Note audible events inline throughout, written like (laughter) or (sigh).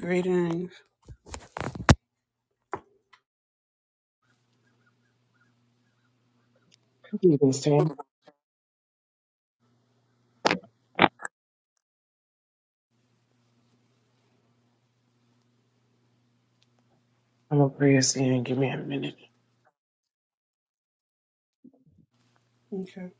Greetings. You can stand. I'm gonna pray us in. Give me a minute. Okay.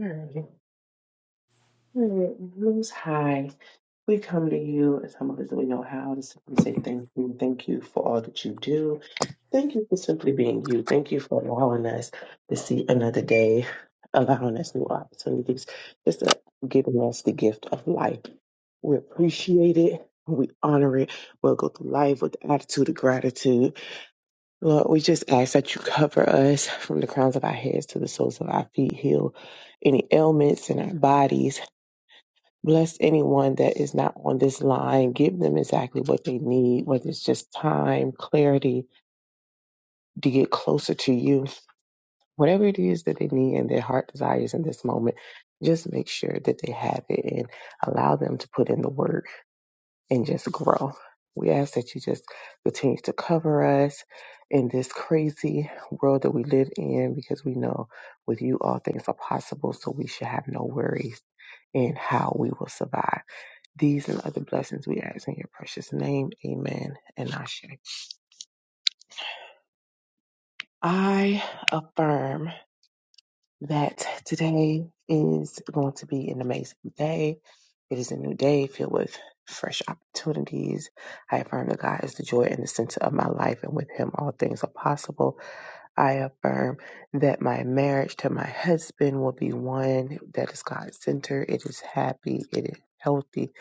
Alright. Alright. Most High, we come to you as humble as we know how to simply say thank you. Thank you for all that you do. Thank you for simply being you. Thank you for allowing us to see another day, allowing us new opportunities, just uh, giving us the gift of life. We appreciate it. We honor it. We'll go through life with the attitude of gratitude Lord, we just ask that you cover us from the crowns of our heads to the soles of our feet, heal any ailments in our bodies. Bless anyone that is not on this line. Give them exactly what they need, whether it's just time, clarity to get closer to you. Whatever it is that they need and their heart desires in this moment, just make sure that they have it and allow them to put in the work and just grow. We ask that you just continue to cover us in this crazy world that we live in because we know with you all things are possible, so we should have no worries in how we will survive. These and other blessings we ask in your precious name. Amen. And Ashe. I affirm that today is going to be an amazing day. It is a new day filled with fresh opportunities. I affirm that God is the joy and the center of my life, and with Him all things are possible. I affirm that my marriage to my husband will be one that is God centered. It is happy. It is healthy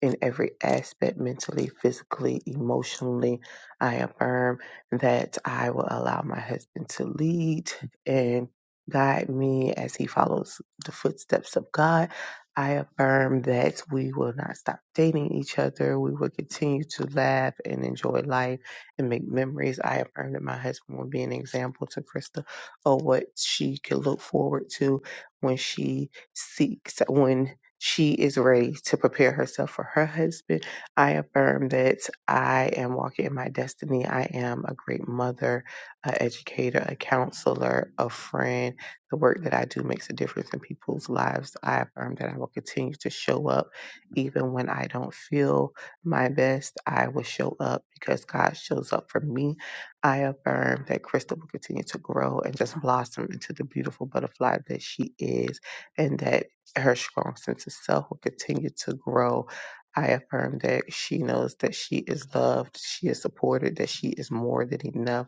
in every aspect mentally, physically, emotionally. I affirm that I will allow my husband to lead and guide me as he follows the footsteps of God. I affirm that we will not stop dating each other. We will continue to laugh and enjoy life and make memories. I affirm that my husband will be an example to Krista of what she can look forward to when she seeks, when she is ready to prepare herself for her husband. I affirm that I am walking in my destiny. I am a great mother, an educator, a counselor, a friend. The work that I do makes a difference in people's lives. I affirm that I will continue to show up even when I don't feel my best. I will show up because God shows up for me. I affirm that Crystal will continue to grow and just blossom into the beautiful butterfly that she is, and that her strong sense of self will continue to grow. I affirm that she knows that she is loved, she is supported, that she is more than enough.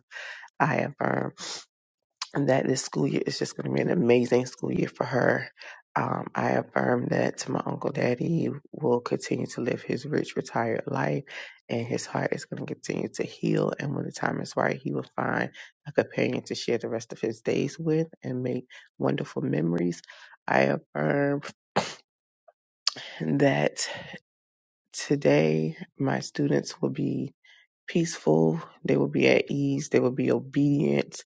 I affirm and that this school year is just going to be an amazing school year for her. Um, I affirm that to my uncle daddy will continue to live his rich, retired life, and his heart is going to continue to heal. And when the time is right, he will find a companion to share the rest of his days with and make wonderful memories. I affirm that today my students will be peaceful, they will be at ease, they will be obedient,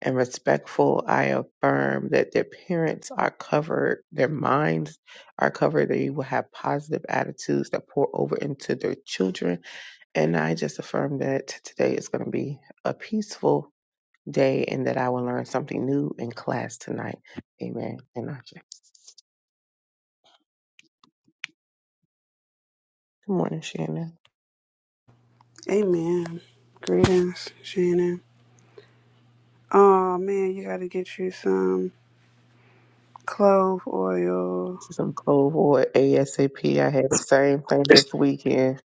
and respectful, I affirm that their parents are covered, their minds are covered, they will have positive attitudes that pour over into their children. And I just affirm that today is going to be a peaceful day and that I will learn something new in class tonight. Amen. And I say, Good morning, Shannon. Amen. Greetings, Shannon. Oh man, you gotta get you some clove oil. This is some cold war ASAP. I had the same thing this weekend.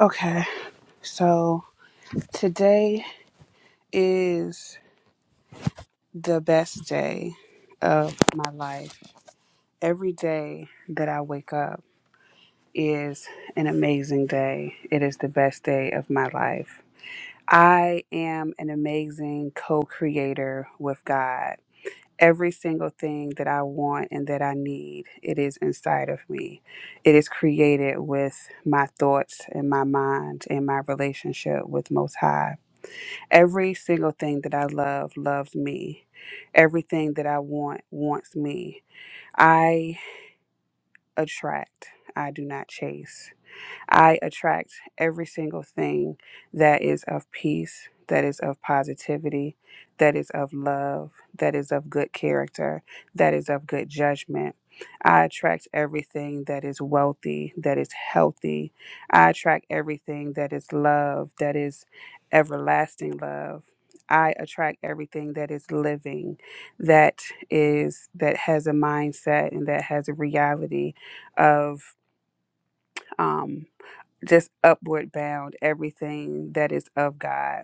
Okay. So today is the best day of my life. Every day that I wake up is an amazing day. It is the best day of my life. I am an amazing co creator with God. Every single thing that I want and that I need, it is inside of me. It is created with my thoughts and my mind and my relationship with Most High. Every single thing that I love loves me. Everything that I want wants me. I attract, I do not chase. I attract every single thing that is of peace, that is of positivity, that is of love, that is of good character, that is of good judgment. I attract everything that is wealthy, that is healthy. I attract everything that is love, that is everlasting love. I attract everything that is living, that is that has a mindset and that has a reality of um, just upward bound everything that is of God.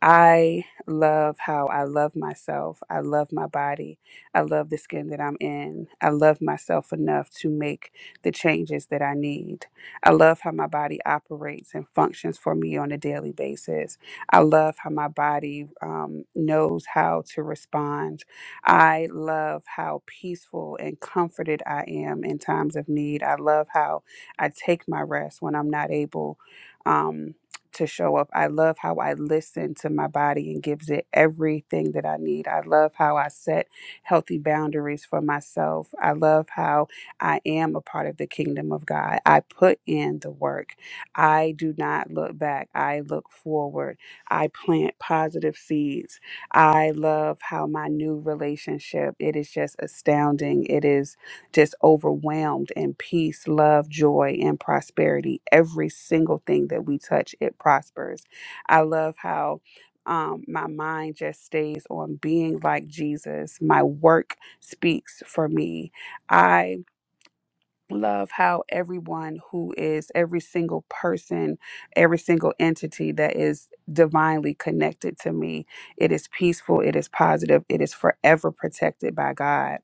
I love how I love myself. I love my body. I love the skin that I'm in. I love myself enough to make the changes that I need. I love how my body operates and functions for me on a daily basis. I love how my body um, knows how to respond. I love how peaceful and comforted I am in times of need. I love how I take my rest when I'm not able. Um, to show up. I love how I listen to my body and gives it everything that I need. I love how I set healthy boundaries for myself. I love how I am a part of the kingdom of God. I put in the work. I do not look back. I look forward. I plant positive seeds. I love how my new relationship, it is just astounding. It is just overwhelmed in peace, love, joy, and prosperity. Every single thing that we touch, it prospers. I love how um, my mind just stays on being like Jesus. My work speaks for me. I love how everyone who is, every single person, every single entity that is divinely connected to me, it is peaceful, it is positive, it is forever protected by God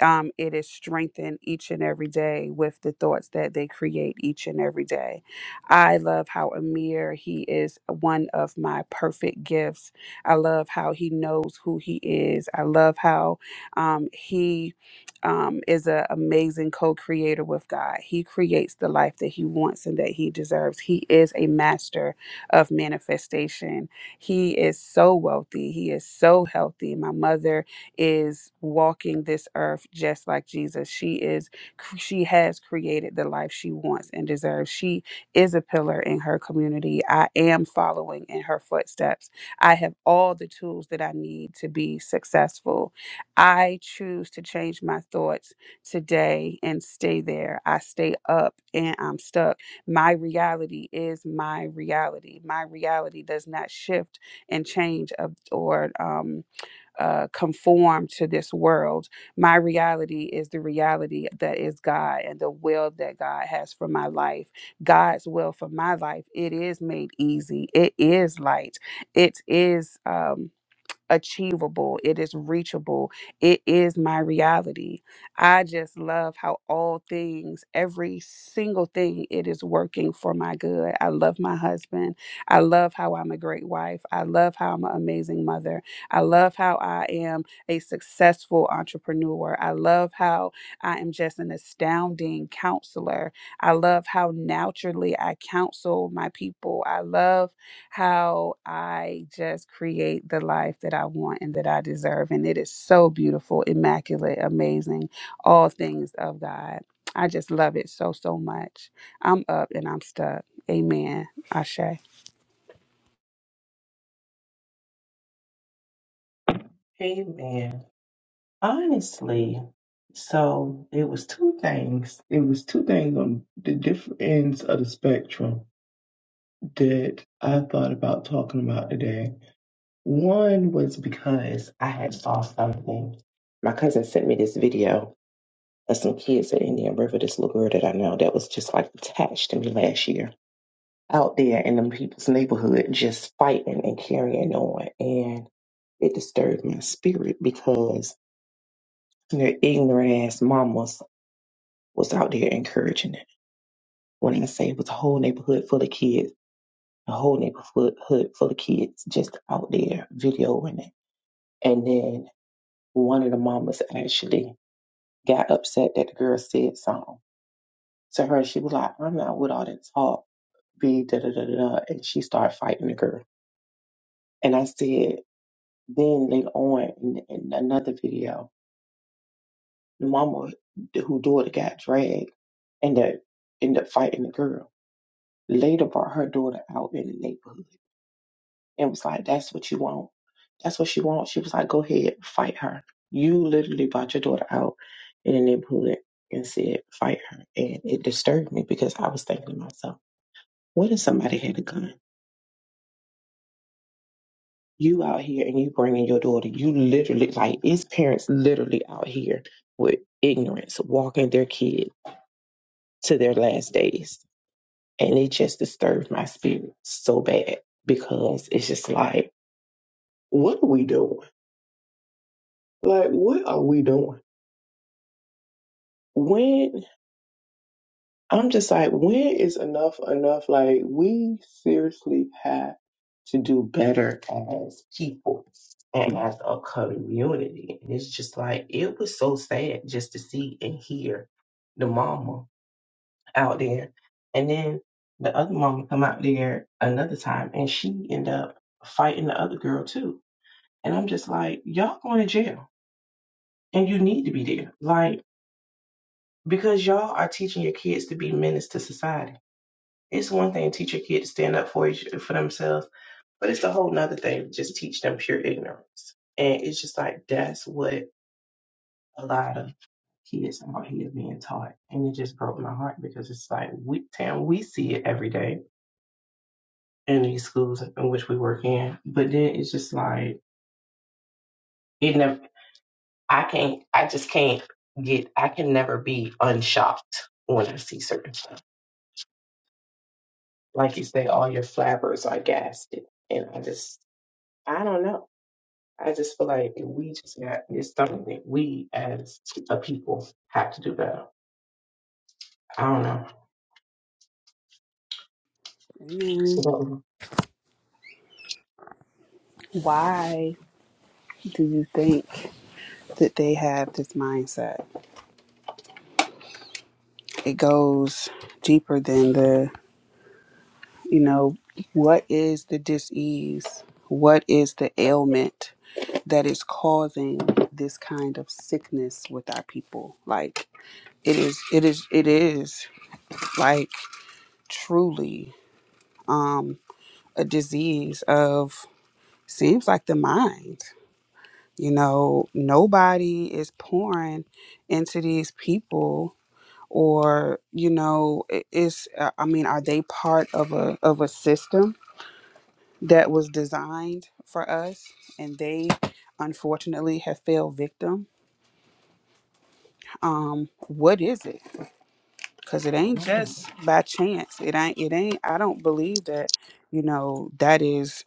um, it is strengthened each and every day with the thoughts that they create each and every day. I love how Amir, he is one of my perfect gifts. I love how he knows who he is. I love how um, he um, is an amazing co creator with God. He creates the life that he wants and that he deserves. He is a master of manifestation. He is so wealthy. He is so healthy. My mother is walking this earth just like Jesus. She is she has created the life she wants and deserves. She is a pillar in her community. I am following in her footsteps. I have all the tools that I need to be successful. I choose to change my thoughts today and stay there. I stay up and I'm stuck. My reality is my reality. My reality does not shift and change of or um uh, conform to this world. My reality is the reality that is God and the will that God has for my life. God's will for my life, it is made easy, it is light, it is. Um, achievable, it is reachable, it is my reality. I just love how all things, every single thing, it is working for my good. I love my husband. I love how I'm a great wife. I love how I'm an amazing mother. I love how I am a successful entrepreneur. I love how I am just an astounding counselor. I love how naturally I counsel my people. I love how I just create the life that I want and that I deserve. And it is so beautiful, immaculate, amazing, all things of God. I just love it so, so much. I'm up and I'm stuck. Amen. Ashe. Amen. Honestly, so it was two things. It was two things on the different ends of the spectrum that I thought about talking about today. One was because I had saw something. My cousin sent me this video of some kids at Indian River, this little girl that I know that was just like attached to me last year out there in them people's neighborhood just fighting and carrying on. And it disturbed my spirit because their ignorant ass mamas was out there encouraging it. When I say it was a whole neighborhood full of kids, a whole neighborhood hood full of kids just out there videoing it. And then one of the mamas actually got upset that the girl said something to her. She was like, I'm not with all that talk, be da da da da. da," And she started fighting the girl. And I said, then later on in, in another video, the mama who daughter got dragged and that ended up fighting the girl later brought her daughter out in the neighborhood and was like, That's what you want. That's what she wants. She was like, Go ahead, fight her. You literally brought your daughter out in the neighborhood and said, Fight her. And it disturbed me because I was thinking to myself, What if somebody had a gun? You out here and you bringing your daughter, you literally, like, it's parents literally out here with ignorance, walking their kid to their last days. And it just disturbed my spirit so bad because it's just like, What are we doing? Like, what are we doing? when?" I'm just like, when is enough enough? Like, we seriously have to do better as people and as a community. And it's just like, it was so sad just to see and hear the mama out there. And then the other mama come out there another time and she end up fighting the other girl too. And I'm just like, y'all going to jail and you need to be there. Like, because y'all are teaching your kids to be menace to society It's one thing to teach your kid to stand up for each, for themselves, but it's a whole nother thing to just teach them pure ignorance. And it's just like that's what a lot of kids out here being taught. And it just broke my heart because it's like we damn we see it every day in these schools in which we work in. But then it's just like it never I can't I just can't get I can never be unshocked when I see certain stuff. Like you say, all your flappers are gasted. And I just I don't know. I just feel like if we just got it's something that we as a people have to do better. I don't know. So Amen. that was- Why do you think that they have this mindset? It goes deeper than the You know, what is the disease? What is the ailment that is causing this kind of sickness with our people? Like it is it is it is like truly um a disease of seems like the mind. You know, nobody is pouring into these people or you know i- it's uh, i mean are they part of a of a system that was designed for us, and they unfortunately have fell victim. Um, what is it? Because it ain't just by chance. It ain't. It ain't. I don't believe that. You know that is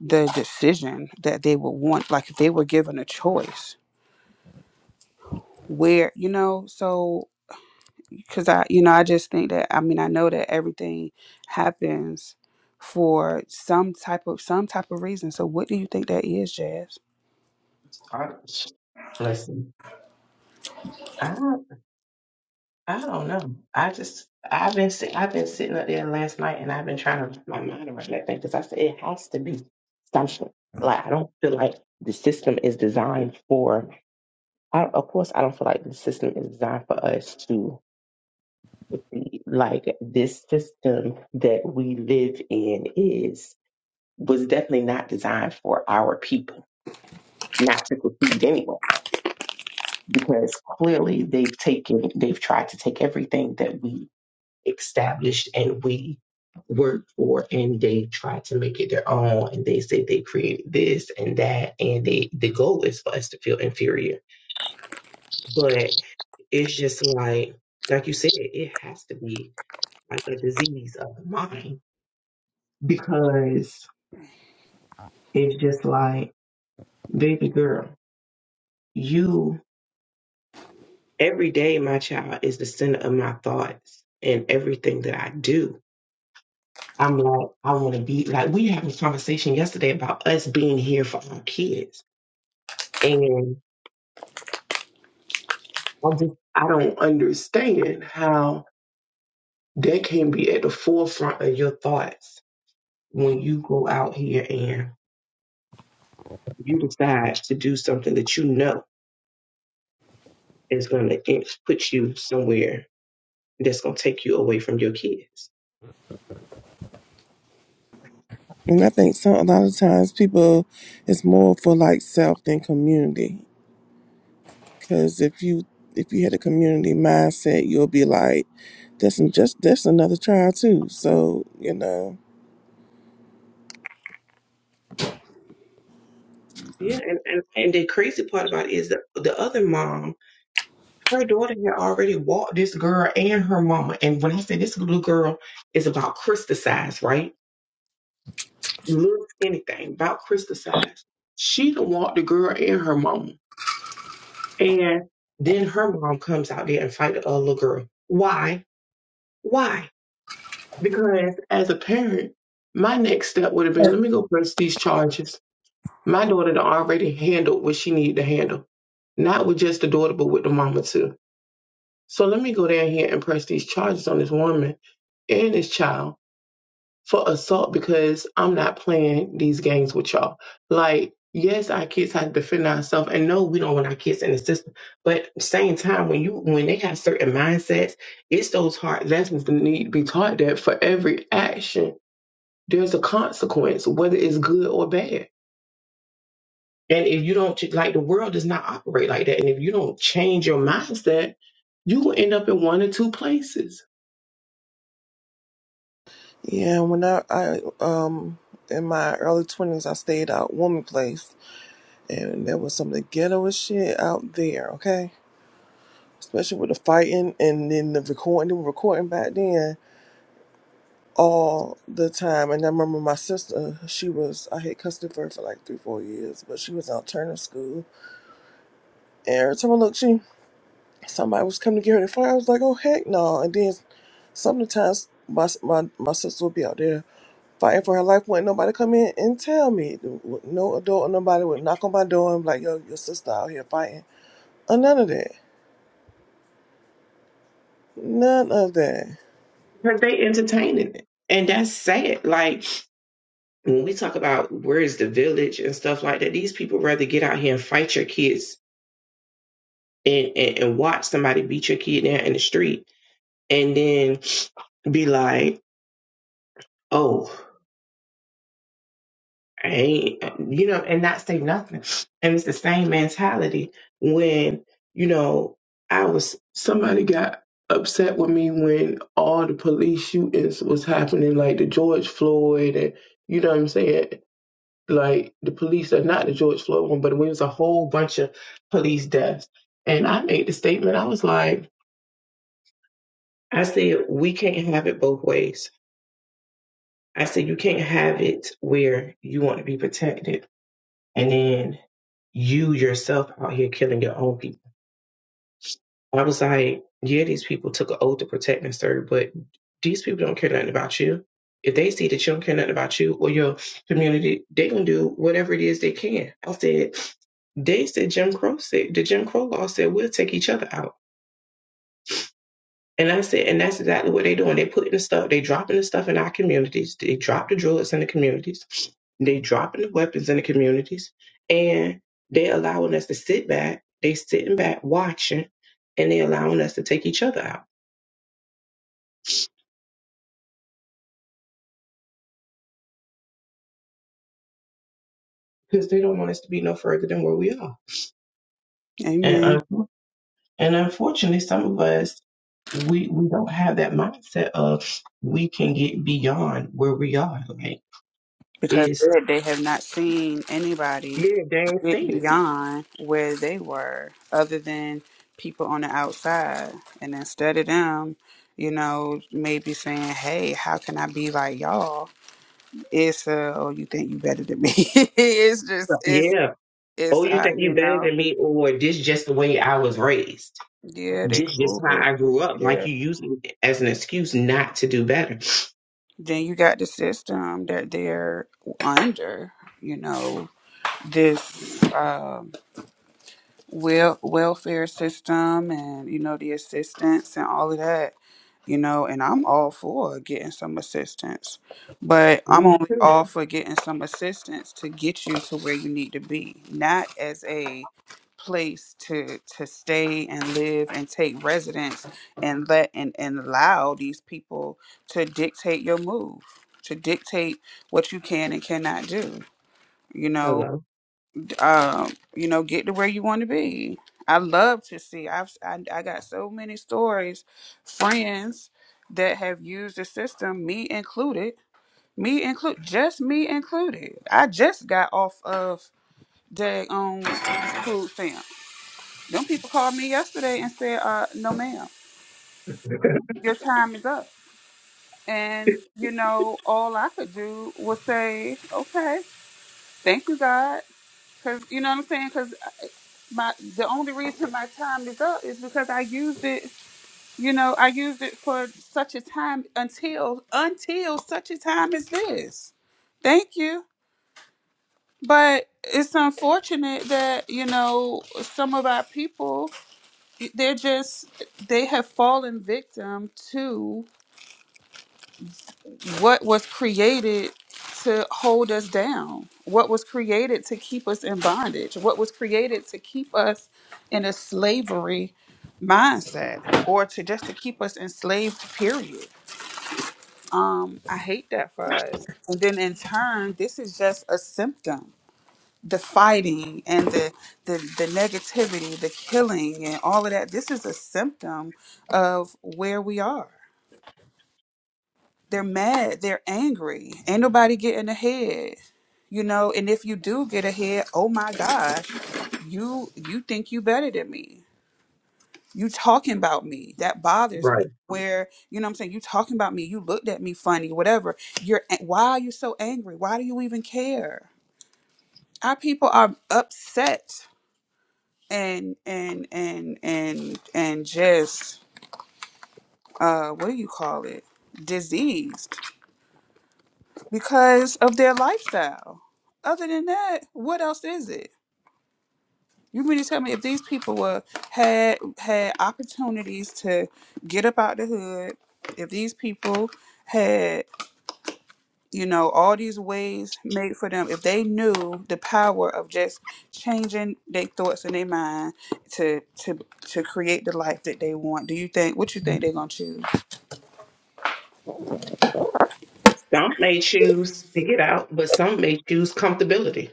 the decision that they would want. Like if they were given a choice, where you know. So because I, you know, I just think that. I mean, I know that everything happens for some type of some type of reason. So what do you think that is, Jazz? I- Listen, I I don't know. I just I've been sit, I've been sitting up there last night and I've been trying to wrap my mind around that thing because I said it has to be something. Like I don't feel like the system is designed for. I, of course, I don't feel like the system is designed for us to. like this system that we live in is was definitely not designed for our people, not to succeed anyway, because clearly they've taken they've tried to take everything that we established and we worked for and they tried to make it their own and they said they created this and that and they the goal is for us to feel inferior. But it's just like like you said, it has to be like a disease of the mind because it's just like, baby girl, you every day, my child, is the center of my thoughts and everything that I do. I'm like, I want to be like, we had this conversation yesterday about us being here for our kids. And I just, I don't understand how that can be at the forefront of your thoughts when you go out here and you decide to do something that you know is going to put you somewhere that's going to take you away from your kids. And I think some a lot of times people it's more for like self than community. Because if you if you had a community mindset, you'll be like, "That's an- just that's another trial too." So you know, Yeah, and, and, and the crazy part about it is the, the other mom, her daughter had already walked this girl and her mama. And when I say this little girl is about Krista size, right? Looks anything about Krista size. She done walked the girl and her mama. And then her mom comes out there and fight the other little girl. Why? Why? Because as a parent, my next step would have been Sure. let me go press these charges. My daughter done already handled what she needed to handle, not with just the daughter, but with the mama too. So let me go down here and press these charges on this woman and this child for assault because I'm not playing these games with y'all. Like, yes, our kids have to defend ourselves, and no, we don't want our kids in the system. But same time, when you when they have certain mindsets, it's those hard lessons that need to be taught that for every action there's a consequence, whether it's good or bad. And if you don't, ch- like the world does not operate like that. And if you don't change your mindset, you will end up in one or two places Yeah, when I, I um in my early twenties I stayed out woman place and there was some of the ghettoest shit out there, okay? Especially with the fighting and then the recording, they were recording back then. all the time. And I remember my sister, she was, I had custody for her for like three, four years, but she was in alternative school. And every time I looked, she, somebody was coming to get her to fight. I was like, oh, heck no. And then sometimes my, my, my sister would be out there fighting for her life. would nobody come in and tell me. No adult or nobody would knock on my door and be like, yo, your sister out here fighting. Uh, none of that. None of that. because they entertaining it. And that's sad. Like when we talk about where is the village and stuff like that, these people rather get out here and fight your kids and, and, and watch somebody beat your kid down in the street and then be like, oh, Right? You know, and not say nothing. And it's the same mentality when, you know, I was somebody got upset with me when all the police shootings was happening, like the George Floyd and you know what I'm saying? Like the police are not the George Floyd one, but it was a whole bunch of police deaths. And I made the statement, I was like, I said, we can't have it both ways. I said, you can't have it where you want to be protected. And then you yourself out here killing your own people. I was like, yeah, these people took an oath to protect and serve, but these people don't care nothing about you. If they see that you don't care nothing about you or your community, they can do whatever it is they can. I said, they said Jim Crow said the Jim Crow law said we'll take each other out. And I said, and that's exactly what they're doing. they putting the stuff, they dropping the stuff in our communities. They drop the drugs in the communities. They dropping the weapons in the communities. And they allowing us to sit back. They sitting back watching and they allowing us to take each other out because they don't want us to be no further than where we are. Amen. And, un- and unfortunately, some of us, we, we don't have that mindset of we can get beyond where we are. Like, because it's, they they have not seen anybody yeah, dang, get seen it. beyond where they were other than people on the outside and instead of them you know maybe saying hey how can i be like y'all it's uh oh you think you better than me (laughs) it's just it's Yeah. Oh, it's you uh think you you better know than me, or this just the way I was raised. yeah they This just cool how with I grew up. Like yeah you use it as an excuse not to do better. then you got the system that they're under you know this uh, wel- welfare system and you know the assistance and all of that you know and i'm all for getting some assistance but i'm Me only too. all for getting some assistance to get you to where you need to be not as a place to to stay and live and take residence and let and, and allow these people to dictate your move to dictate what you can and cannot do you know Hello. um, you know, get to where you want to be. I love to see. I've I, I got so many stories, friends that have used the system, me included, me include, just me included. I just got off of day on food stamp. Them people called me yesterday and said, uh, "No, ma'am, your time is up." And you know, all I could do was say, "Okay, thank you, God," because you know what I'm saying. my the only reason my time is up is because I used it, you know, I used it for such a time until until such a time as this. Thank you. But it's unfortunate that, you know, some of our people they're just they have fallen victim to what was created to hold us down, what was created to keep us in bondage, what was created to keep us in a slavery mindset or to just to keep us enslaved period um i hate that for us and then in turn this is just a symptom the fighting and the the, the negativity the killing and all of that this is a symptom of where we are they're mad, they're angry. Ain't nobody getting ahead. You know, and if you do get ahead, oh my gosh, you you think you better than me. You talking about me. That bothers me. Right. Where, you know what I'm saying, you talking about me, you looked at me funny, whatever. You're a- why are you so angry? Why do you even care? Our people are upset and and and and and just uh what do you call it? Diseased because of their lifestyle. Other than that, what else is it? You mean to tell me if these people were had had opportunities to get up out the hood, if these people had you know all these ways made for them, if they knew the power of just changing their thoughts and their mind to to to create the life that they want, do you think what you think they're gonna choose? Some may choose to get out, but some may choose comfortability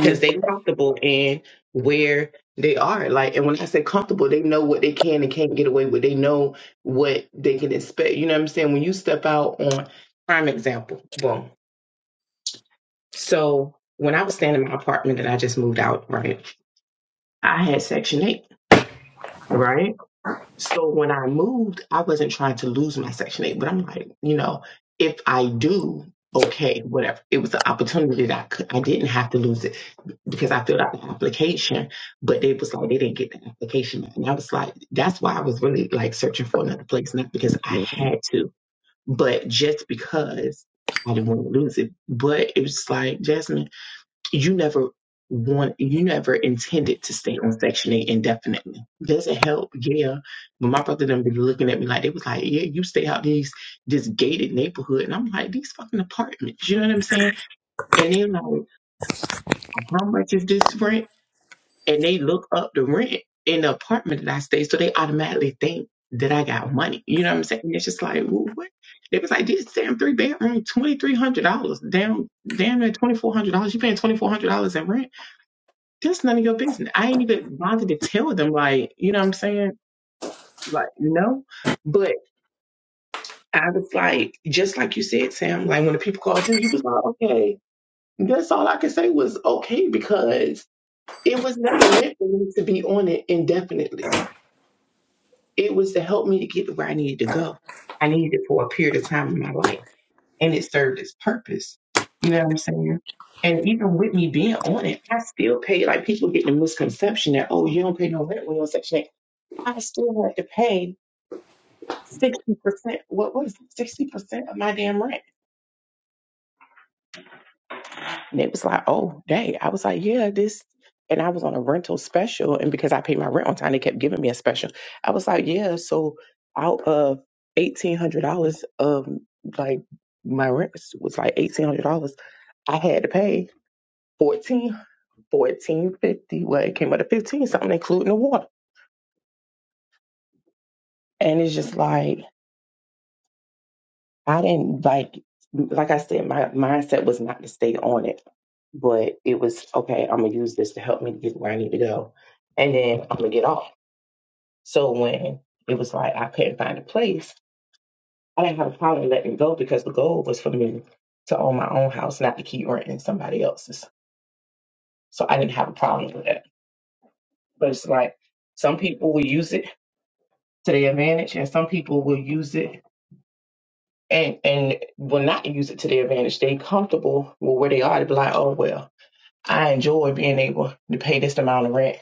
because they comfortable in where they are. Like, and when I say comfortable, they know what they can and can't get away with. They know what they can expect. You know what I'm saying? When you step out on prime example, boom. So when I was staying in my apartment and I just moved out, right? I had Section 8, right? So when I moved, I wasn't trying to lose my Section 8, but I'm like, you know, if I do, okay, whatever. It was an opportunity that I could, I didn't have to lose it because I filled out the application, but they was like, they didn't get the application. back. And I was like, that's why I was really like searching for another place, not because I had to, but just because I didn't want to lose it. But it was like, Jasmine you never want you never intended to stay on section eight indefinitely. Does it help? Yeah. But my brother done been looking at me like they was like, Yeah, you stay out these this gated neighborhood and I'm like, these fucking apartments, you know what I'm saying? And they like, How much is this rent? And they look up the rent in the apartment that I stay, so they automatically think that I got money. You know what I'm saying? It's just like, well, what? It was like this damn three bedroom, twenty three hundred dollars. Damn damn near twenty four hundred dollars. You paying twenty four hundred dollars in rent that's none of your business. I ain't even bothered to tell them, like, you know what I'm saying? Like, no. But I was like, just like you said, Sam, like when the people called you, you was like, okay. That's all I could say was okay because it was never meant for me to be on it indefinitely. It was to help me to get to where I needed to go. I needed it for a period of time in my life. And it served its purpose. You know what I'm saying? And even with me being on it, I still pay like people get the misconception that, oh, you don't pay no rent when you're on section eight. I still had to pay sixty percent. What was sixty percent of my damn rent? And it was like, oh, dang. I was like, yeah, this. And I was on a rental special, and because I paid my rent on time, they kept giving me a special. I was like, yeah. So out of eighteen hundred dollars of like my rent was like eighteen hundred dollars. I had to pay fourteen, fourteen fifty. Well, it came up to fifteen something, including the water. And it's just like I didn't like, like I said, my mindset was not to stay on it, but it was okay. I'm gonna use this to help me to get where I need to go, and then I'm gonna get off. So when it was like I couldn't find a place, I didn't have a problem letting go because the goal was for me to own my own house, not to keep renting somebody else's. So I didn't have a problem with that. But it's like some people will use it to their advantage, and some people will use it and and will not use it to their advantage. They comfortable with where they are. They be like, oh well. I enjoy being able to pay this amount of rent.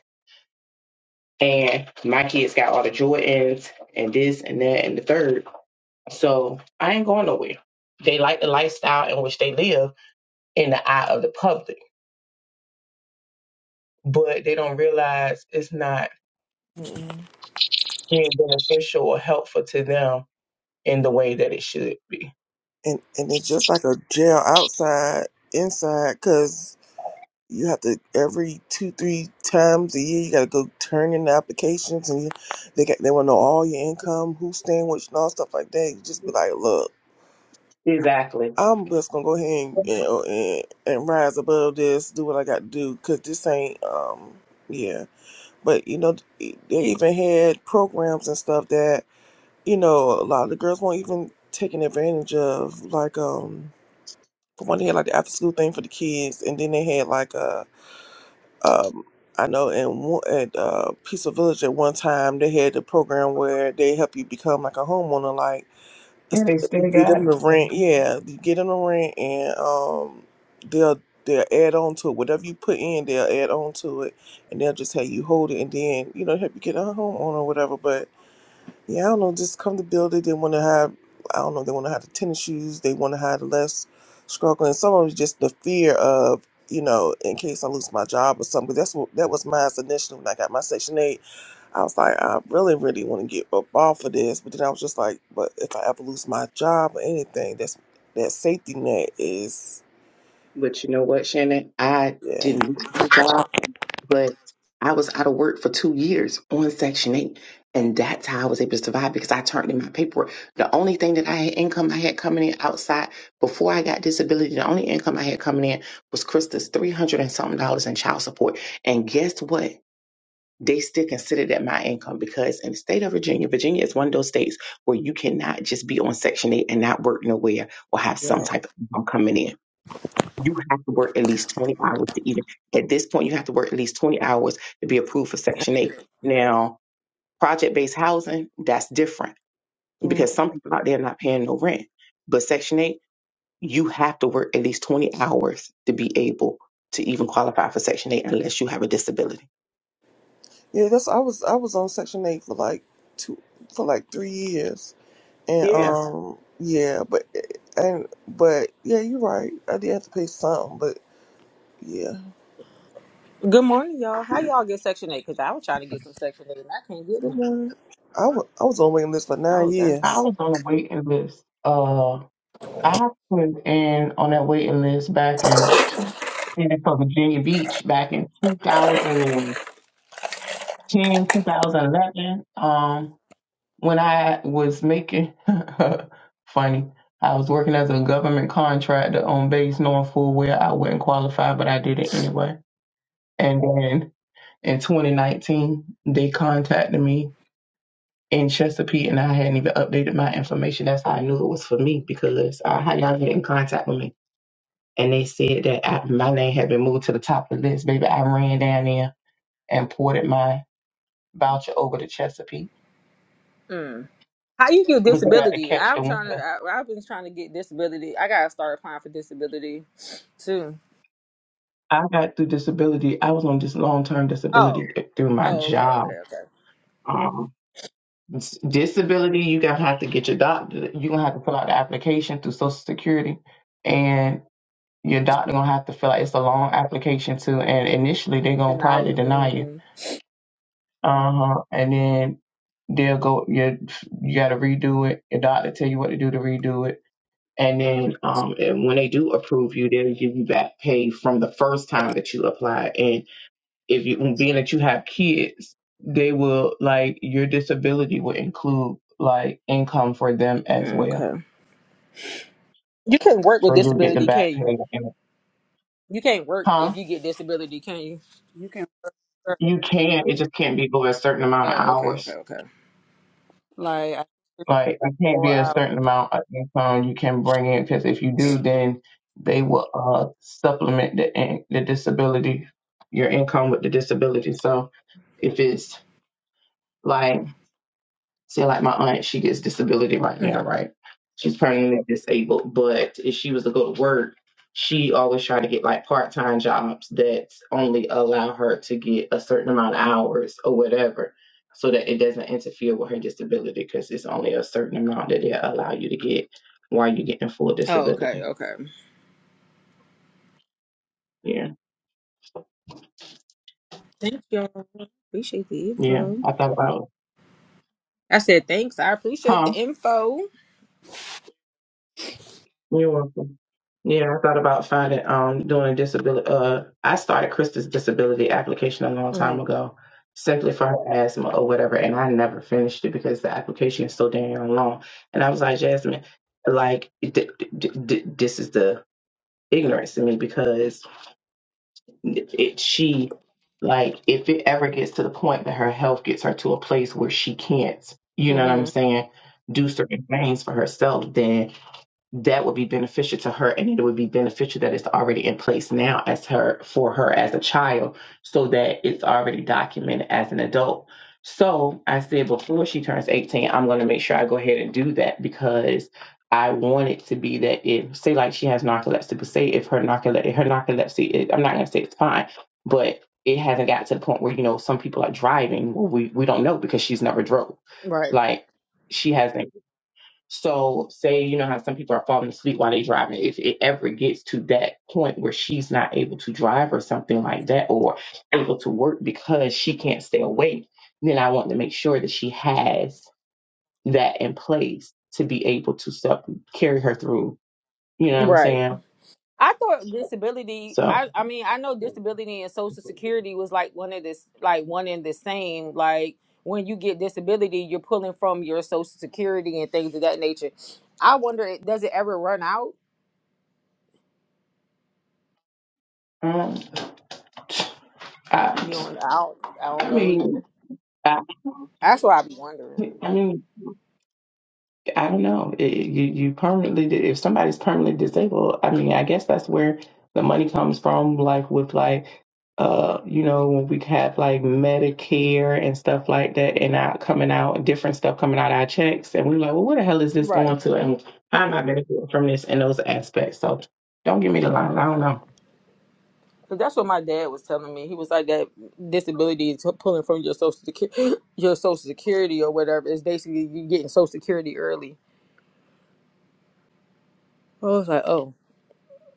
And my kids got all the Jordans and this and that and the third. So I ain't going nowhere. They like the lifestyle in which they live in the eye of the public, but they don't realize it's not Mm-mm. being beneficial or helpful to them in the way that it should be. And, and it's just like a jail outside, inside, cause. you have to every two three times a year you got to go turn in the applications and you, they got they want to know all your income who's staying with you and all stuff like that you just be like look Exactly. i'm just gonna go ahead and you know, and, and rise above this do what i got to do because this ain't um yeah but you know they even had programs and stuff that you know a lot of the girls weren't even taking advantage of like um for one they had like the after school thing for the kids and then they had like a. um, I know in one- at uh, Peaceful Village at one time they had the program where they help you become like a homeowner. Like Yeah, it's- they you still get got them the it. rent, yeah, you get them the rent, and um, they'll they'll add on to it. Whatever you put in, they'll add on to it, and they'll just have you hold it, and then you know help you get a homeowner or whatever. But yeah, I don't know. Just come to build it. They want to have, I don't know, they want to have the tennis shoes. They want to have the less struggle. And some of it's just the fear of, you know, in case I lose my job or something. 'Cause that's what, that was mine initially when I got my Section 8. I was like, I really, really want to get up off of this. But then I was just like, but if I ever lose my job or anything, that's that safety net is, But you know what, Shannon? I yeah. didn't lose my job. but I was out of work for two years on Section 8. And that's how I was able to survive because I turned in my paperwork. The only thing that I had income I had coming in outside before I got disability, the only income I had coming in was Krista's 300 and something dollars in child support. And guess what? They still considered that my income because in the state of Virginia, Virginia is one of those states where you cannot just be on Section 8 and not work nowhere or have some Yeah. type of income coming in. You have to work at least 20 hours to even, at this point, you have to work at least 20 hours to be approved for Section 8. Now, project based housing, that's different Mm. because some people out there are not paying no rent. But Section 8, you have to work at least 20 hours to be able to even qualify for Section 8 unless you have a disability. Yeah, that's, I was, I was on Section 8 for like two, for like three years And Yeah, um, yeah, but and but yeah, you're right. I did have to pay something, but yeah. Good morning, y'all. How y'all get Section 8? Because I was trying to get some Section 8 and I can't get Good none. morning. I wa- I was on waiting list for nine Oh, damn. I years. was on a waiting list. Uh, I put in on that waiting list back in two, and for Virginia Beach back in 2000. 10, 2011. um, when I was making, (laughs) funny, I was working as a government contractor on base knowing full well I wouldn't qualify, but I did it anyway. And then in 2019, they contacted me in Chesapeake and I hadn't even updated my information. That's how I knew it was for me because I had y'all get in contact with me. And they said that I, my name had been moved to the top of the list. Baby, I ran down there and ported my voucher over to Chesapeake Mm. How you get but you got to disability? catch the I'm trying to, winter. I, I've been trying to get disability. I got to start applying for disability too. I got through disability. I was on this long term Oh, disability through my oh, okay, job. okay, okay. Um, s- disability, you got to have to get your doctor. you going to have to fill out the application through Social Security, and your doctor going to have to fill out. It's a long application too, and initially they're going to Deny probably it. deny you. Mm-hmm. Uh huh. And then they'll go. You you got to redo it. Your doctor tell you what to do to redo it. And then um, and when they do approve you, they'll give you back pay from the first time that you applied. And if you um, being that you have kids, they will like your disability will include like income for them as Mm, well. Okay. You can't work with So you'll get the disability, can back pay. you? and- You can't work if Huh? you get disability, can you? You can work You can. It just can't be over a certain amount of Oh, okay, okay, hours. okay. like I think it's Like it can't be four a hours. certain amount of income you can bring in because if you do, then they will uh supplement the in- the disability, your income with the disability. So if it's like say like my aunt, she gets disability right hmm now, right? She's permanently disabled, but if she was to go to work, she always try to get like part time jobs that only allow her to get a certain amount of hours or whatever, so that it doesn't interfere with her disability because it's only a certain amount that they allow you to get while you're getting full Oh, okay, disability. okay. Yeah, Thanks, y'all. Appreciate the yeah. info. I thought about, I said thanks. I appreciate the huh? info. You're welcome. Yeah, I thought about finding um doing disability. Uh, I started Krista's disability application a long Mm-hmm. time ago, simply for her asthma or whatever, and I never finished it because the application is so damn long. And I was like, Jasmine, like d- d- d- d- this is the ignorance in me because it she like if it ever gets to the point that her health gets her to a place where she can't, you know what I'm Mm-hmm. saying, do certain things for herself, then that would be beneficial to her and it would be beneficial that it's already in place now as her for her as a child so that it's already documented as an adult so i said before she turns 18 i'm going to make sure i go ahead and do that because i want it to be that if say like she has narcolepsy but say if her narcolepsy her narcolepsy is, i'm not going to say it's fine but it hasn't got to the point where you know some people are driving well, we we don't know because she's never drove Right. like she hasn't so, say you know how some people are falling asleep while they driving. If it ever gets to that point where she's not able to drive or something like that, or able to work because she can't stay awake, then I want to make sure that she has that in place to be able to sup- carry her through. You know what I'm Right. saying? I thought disability. So, I I mean, I know disability and social security was like one of this, like one and the same. Like when you get disability, you're pulling from your social security and things of that nature. I wonder, does it ever run out? um, You I, don't. I don't, I don't I know. Either. mean, I, That's what I be wondering. I mean, I don't know. It, it- you you permanently di- if somebody's permanently disabled, I mean, I guess that's where the money comes from. Like with like uh you know when we have like Medicare and stuff like that, and out coming out different stuff coming out our checks, and we're like, well, where the hell is this Right. going to, and how am I benefiting from this and those aspects? So don't give me the Oh, line. I don't okay. know. 'Cause that's what my dad was telling me. He was like that disability is pulling from your social security, (gasps) your social security or whatever. It's basically you getting social security early. I was like, oh.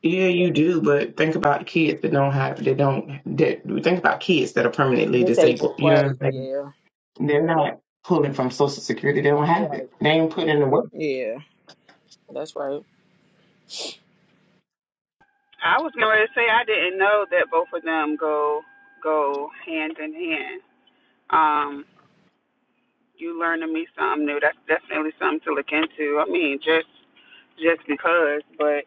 Yeah, you do, but think about kids that don't have that don't that think about kids that are permanently disabled. Disabled, You know what I'm right? saying? Yeah, They're not pulling from Social Security. They don't have right. it. They ain't put in the work. Yeah, that's right. I was going to say I didn't know that both of them go go hand in hand. Um, you learning me something new. That's definitely something to look into. I mean, just just because, but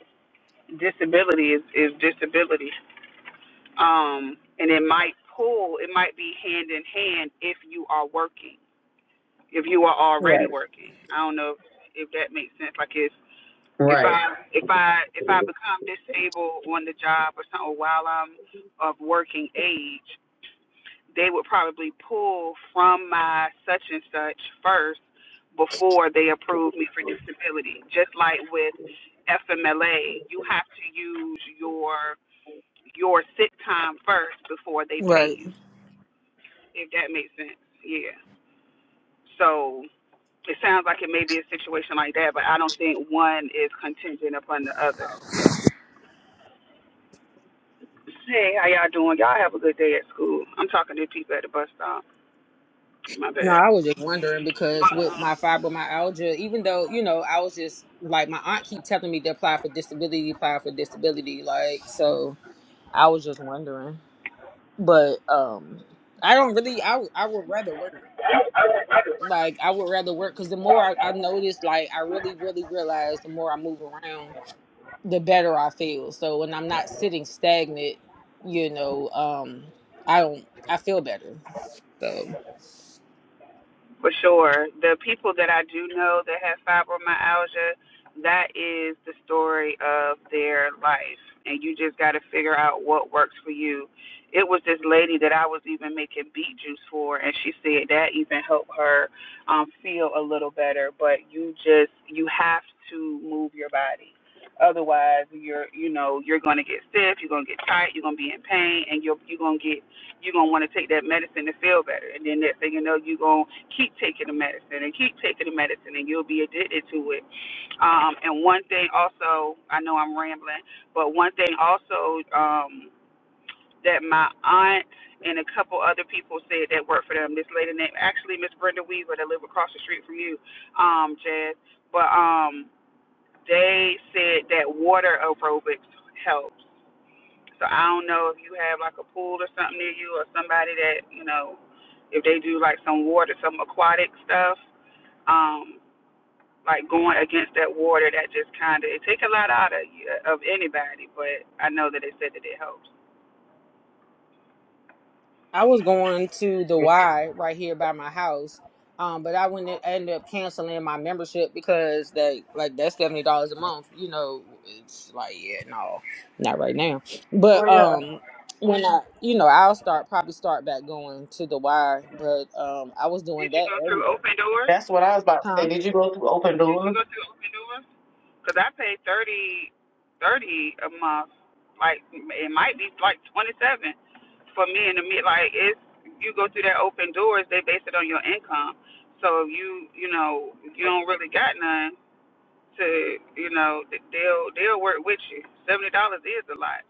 disability is is disability. Um, and it might pull. It might be hand in hand if you are working. If you are already Right. working, I don't know if, if that makes sense. Like if if Right. I if I if I become disabled on the job or something while I'm of working age, they would probably pull from my such and such first before they approve me for disability. Just like with FMLA, you have to use your your sick time first before they pay Right. you, if that makes sense. Yeah. So it sounds like it may be a situation like that, but I don't think one is contingent upon the other. Hey, how y'all doing? Y'all have a good day at school. I'm talking to people at the bus stop. My No, bad. I was just wondering because But with my fibromyalgia, even though you know, I was just like my aunt keep telling me to apply for disability, apply for disability, like so. I was just wondering, but um, I don't really. I I would rather work. Like I would rather work because the more I, I noticed, like I really really realized the more I move around. the better I feel. So when I'm not sitting stagnant, you know, um, I don't I feel better. So for sure. The people that I do know that have fibromyalgia, that is the story of their life. And you just got to figure out what works for you. It was this lady that I was even making beet juice for, and she said that even helped her um, feel a little better. But you just, you have to move your body. Otherwise, you're, you know, you're going to get stiff, you're going to get tight, you're going to be in pain, and you're, you're going to get, you're going to want to take that medicine to feel better. And then next thing you know, you're going to keep taking the medicine and keep taking the medicine and you'll be addicted to it. Um, and one thing also, I know I'm rambling, but one thing also um, that my aunt and a couple other people said that worked for them. This lady named actually Miss Brenda Weaver that live across the street from you, um, Jazz. But um, they said that water aerobics help. So I don't know if you have like a pool or something near you or somebody that you know if they do like some water, some aquatic stuff. Um, like going against that water that just kind of it take a lot out of you, of anybody but i know that it said that it helps I was going to the Y right here by my house. Um, but I went I ended up canceling my membership because that like that's seventy dollars a month, you know, it's like, yeah, no, not right now. But um when I you know, I'll start probably start back going to the Y, but um I was did doing you that go every through day. open doors That's what I was Huh. did you about. go through open doors because i paid thirty thirty a month like it might be like twenty seven for me in the mid like it's you go through that open doors they base it on your income so you you know you don't really got none to you know they'll they'll work with you seventy dollars is a lot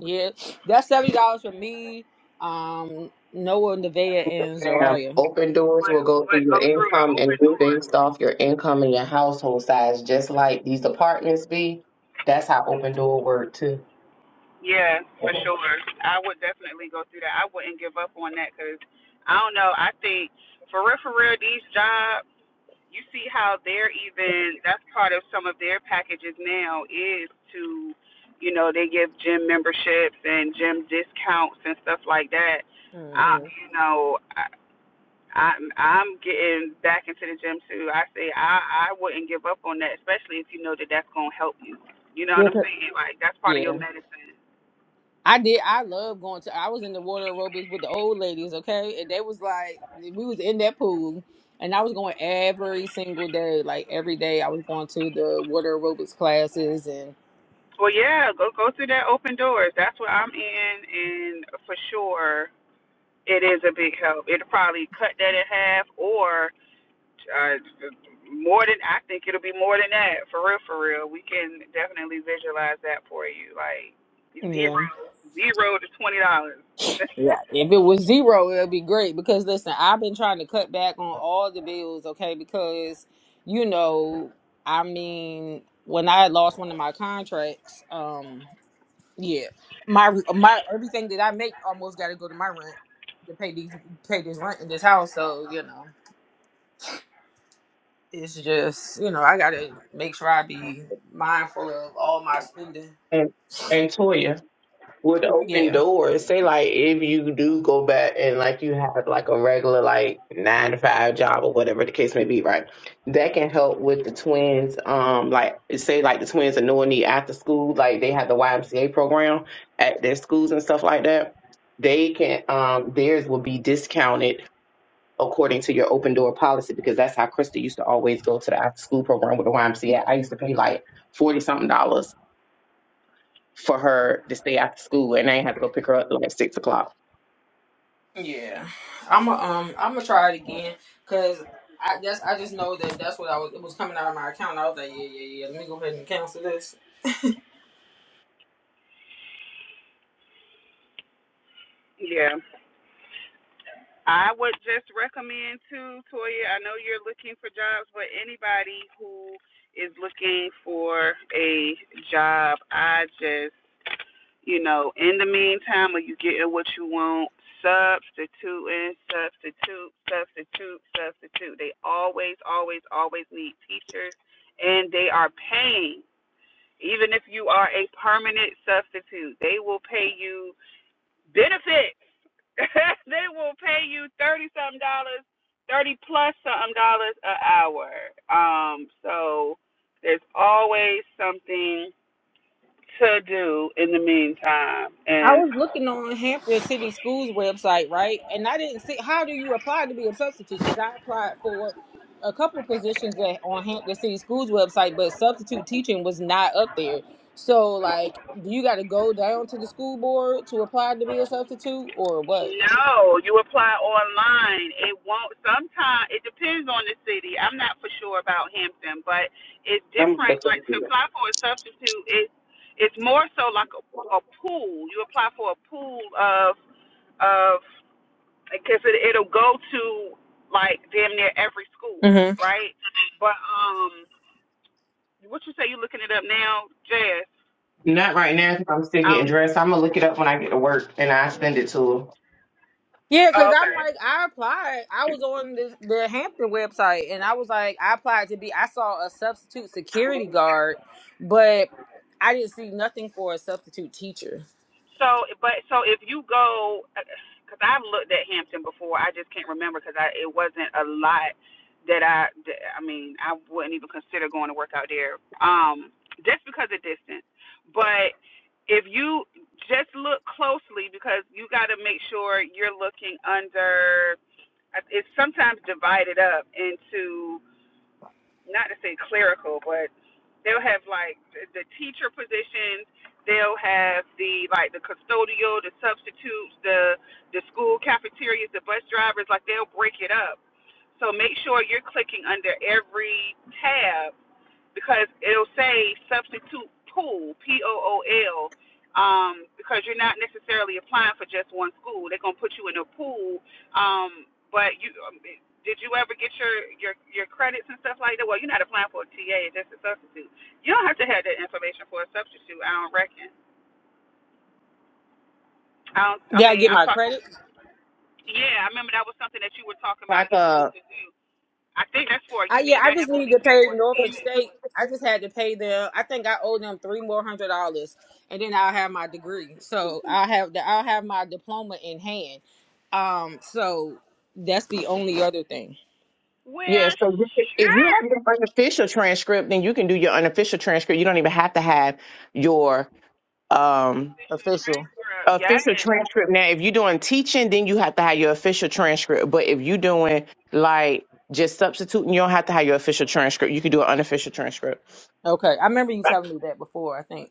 Yeah, that's seventy dollars for me, um, Noah, Nevaeh, and Damn. Zariah. Open doors But will go through but your go through the income and open it's door. based off your income and your household size, just like these apartments be. That's how open door work too. Yeah, for sure. I would definitely go through that. I wouldn't give up on that because I don't know. I think for real, for real, these jobs. You see how they're even. That's part of some of their packages now is to, you know, they give gym memberships and gym discounts and stuff like that. I, Mm-hmm. you know, I'm I'm getting back into the gym too. I say I I wouldn't give up on that, especially if you know that that's gonna help you. You know what Yeah, I'm 'cause- saying? Like that's part of yeah. your medicine. I did. I love going to. I was in the water aerobics with the old ladies, okay, and they was like, we was in that pool, and I was going every single day, like every day. I was going to the water aerobics classes, and Well, yeah, go go through that open doors. That's what I'm in, and for sure it is a big help. It'll probably cut that in half, or uh, more than I think it'll be more than that. For real, for real, we can definitely visualize that for you. Like yeah, zero, zero to twenty dollars. yeah. If it was zero, it'd be great because listen, I've been trying to cut back on all the bills, okay, because you know, I mean, when I lost one of my contracts, um. Yeah, my my everything that I make almost got to go to my rent to pay these pay this rent in this house. So you know, it's just you know I got to make sure I be mindful of all my spending. And and Toya. with open Yeah, doors. Say like if you do go back and like you have like a regular like nine to five job or whatever the case may be, right? That can help with the twins. Um, like say like the twins are no need after school, like they have the YMCA program at their schools and stuff like that. They can um theirs will be discounted according to your open door policy because that's how Krista used to always go to the after school program with the YMCA. I used to pay like forty something dollars for her to stay after school and I didn't have to go pick her up till like six o'clock. yeah. I'm a, um I'm gonna try it again because I guess I just know that that's what I was it was coming out of my account. I was like, yeah, yeah, yeah. Let me go ahead and cancel this. Yeah. I would just recommend to Toya. I know you're looking for jobs, but anybody who is looking for a job, I just, you know, in the meantime, are you getting what you want, substituting, substitute, substitute, substitute. They always, always, always need teachers, and they are paying. Even if you are a permanent substitute, they will pay you benefits (laughs) they will pay you thirty something dollars, thirty plus something dollars an hour. Um, so there's always something to do in the meantime. I And was looking on Hampton City Schools website, right? And I didn't see how do you apply to be a substitute because I applied for a couple positions at, on Hampton City Schools website, but substitute teaching was not up there. So, like, do you got to go down to the school board to apply to be a substitute or what? no, you apply online. It won't. Sometimes it depends on the city. I'm not for sure about Hampton, but it's I'm gonna look different. Like to up. apply for a substitute, it it's more so like a, a pool. You apply for a pool of of because it, it'll go to like damn near every school, hmm right? But um, what you say? You looking it up now, Jazz? Not right now 'cause I'm still getting Um, dressed. I'm gonna look it up when I get to work and I send it to Yeah, because oh, I'm okay. like, I applied. I was her. on this, the Hampton website and I was like, I applied to be, I saw a substitute security guard, but I didn't see nothing for a substitute teacher. So, but so if you go, because I've looked at Hampton before, I just can't remember because I it wasn't a lot that I. That, I mean, I wouldn't even consider going to work out there, um, just because of distance. But if you just look closely, because you got to make sure you're looking under it's sometimes divided up into not to say clerical, but they'll have like the the teacher positions. They'll have the like the custodial, the substitutes, the the school cafeterias, the bus drivers. Like they'll break it up. So make sure you're clicking under every tab because it'll say substitute pool, P O O L, um, because you're not necessarily applying for just one school. They're gonna put you in a pool. Um, but you um, did you ever get your your your credits and stuff like that? Well, you're not applying for a TA, just a substitute. You don't have to have that information for a substitute. I don't reckon. I don't. I Did I mean, get I'm my talking. credit? Yeah, I remember that was something that you were talking about. Like You needed uh to do. I think that's for I, you yeah, need I that just need to information. pay for Norfolk TA. State. I just had to pay them. I think I owe them three more hundred dollars, and then I'll have my degree. So I have the I'll have my diploma in hand. Um, so that's the only other thing. yeah, Well, so you can- if you sure. have your unofficial transcript, then you can do your unofficial transcript. You don't even have to have your um Official Official. transcript, yes. official transcript now if you're doing teaching then you have to have your official transcript but if you're doing like just substituting you don't have to have your official transcript you can do an unofficial transcript Okay, I remember you telling me that before. I think.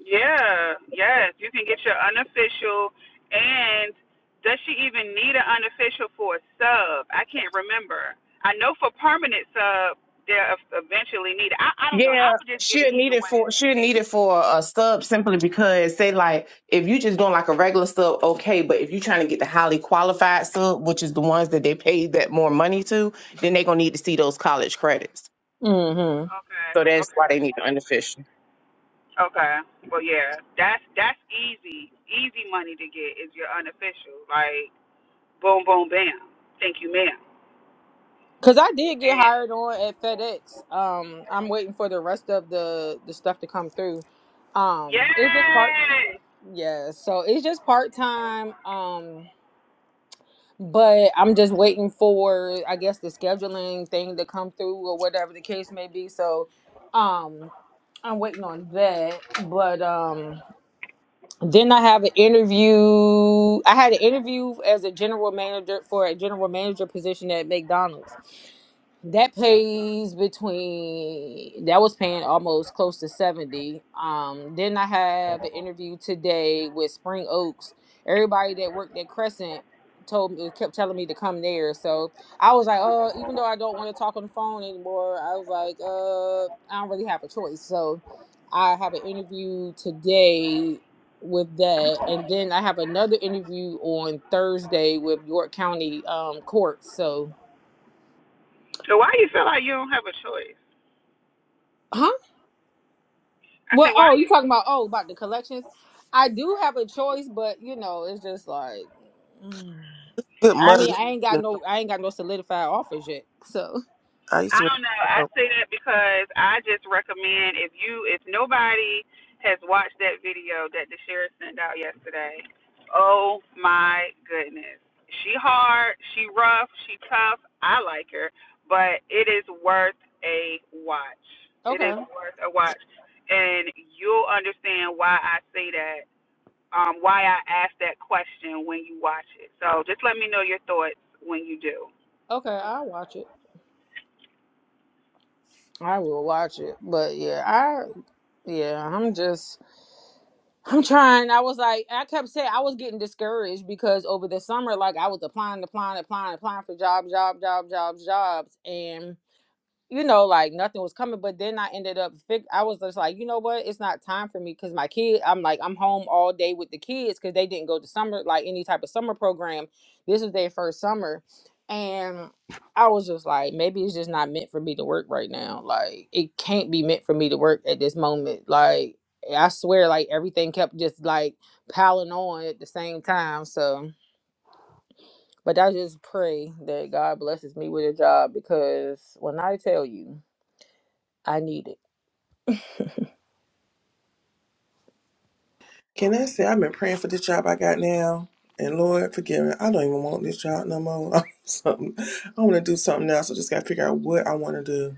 Yeah, yes. You can get your unofficial and does she even need an unofficial for a sub? I can't remember. I know for permanent sub they'll eventually need it. I, I don't know. I yeah would just get it she'll either need it way. for she'll And need you it for a sub simply because say like if you just doing like a regular sub okay but if you're trying to get the highly qualified sub which is the ones that they pay that more money to then they're gonna need to see those college credits mm hmm okay. so that's why Okay. they need the unofficial Okay. Well yeah. That's that's easy. Easy money to get is your unofficial. Like boom boom bam. Thank you, ma'am. Cause I did get And hired on at FedEx. Um, I'm waiting for the rest of the the stuff to come through. Um, it was just part. yes. Yeah, so it's just part time. Um, But I'm just waiting for, I guess, the scheduling thing to come through or whatever the case may be. So, um, I'm waiting on that. But um, then I have an interview. I had an interview as a general manager for a general manager position at McDonald's that pays between that was paying almost close to 70 um then i have an interview today with spring oaks everybody that worked at crescent told me kept telling me to come there so i was like uh even though i don't want to talk on the phone anymore i was like uh i don't really have a choice so i have an interview today with that and then i have another interview on thursday with york county um court so So why you feel like you don't have a choice? huh. I said, Well, why oh, you you? talking about oh about the collections? I do have a choice, but you know, it's just like mm. Good I mean, money. I ain't You got know, no I ain't got no solidified offers yet. So I used I to. don't know. I um, say that because I just recommend if you, if nobody has watched that video that the sheriff sent out yesterday. Oh my goodness. She hard, she rough, she tough. I like her, but it is worth a watch. (laughs) It is okay, worth a watch, and you'll understand why I say that. Um, why I ask that question when you watch it. So just let me know your thoughts when you do. okay, I'll watch it. I will watch it, but yeah, I yeah, I'm just I'm trying. I was like I kept saying I was getting discouraged because over the summer, like I was applying, applying, applying, applying for jobs, job, job, jobs, jobs, jobs, and you know, like nothing was coming. But then I ended up, fig- I was just like, you know what? It's not time for me because my kid, I'm like, I'm home all day with the kids because they didn't go to summer, like any type of summer program. This was their first summer. And I was just like, maybe it's just not meant for me to work right now. Like, it can't be meant for me to work at this moment. Like, I swear, like, everything kept just like piling on at the same time. So, but I just pray that God blesses me with a job because when I tell you, I need it. Can I say I've been praying for this job I got now, and Lord forgive me. I don't even want this job no more. (laughs) I'm something. I want to do something else. I just got to figure out what I want to do.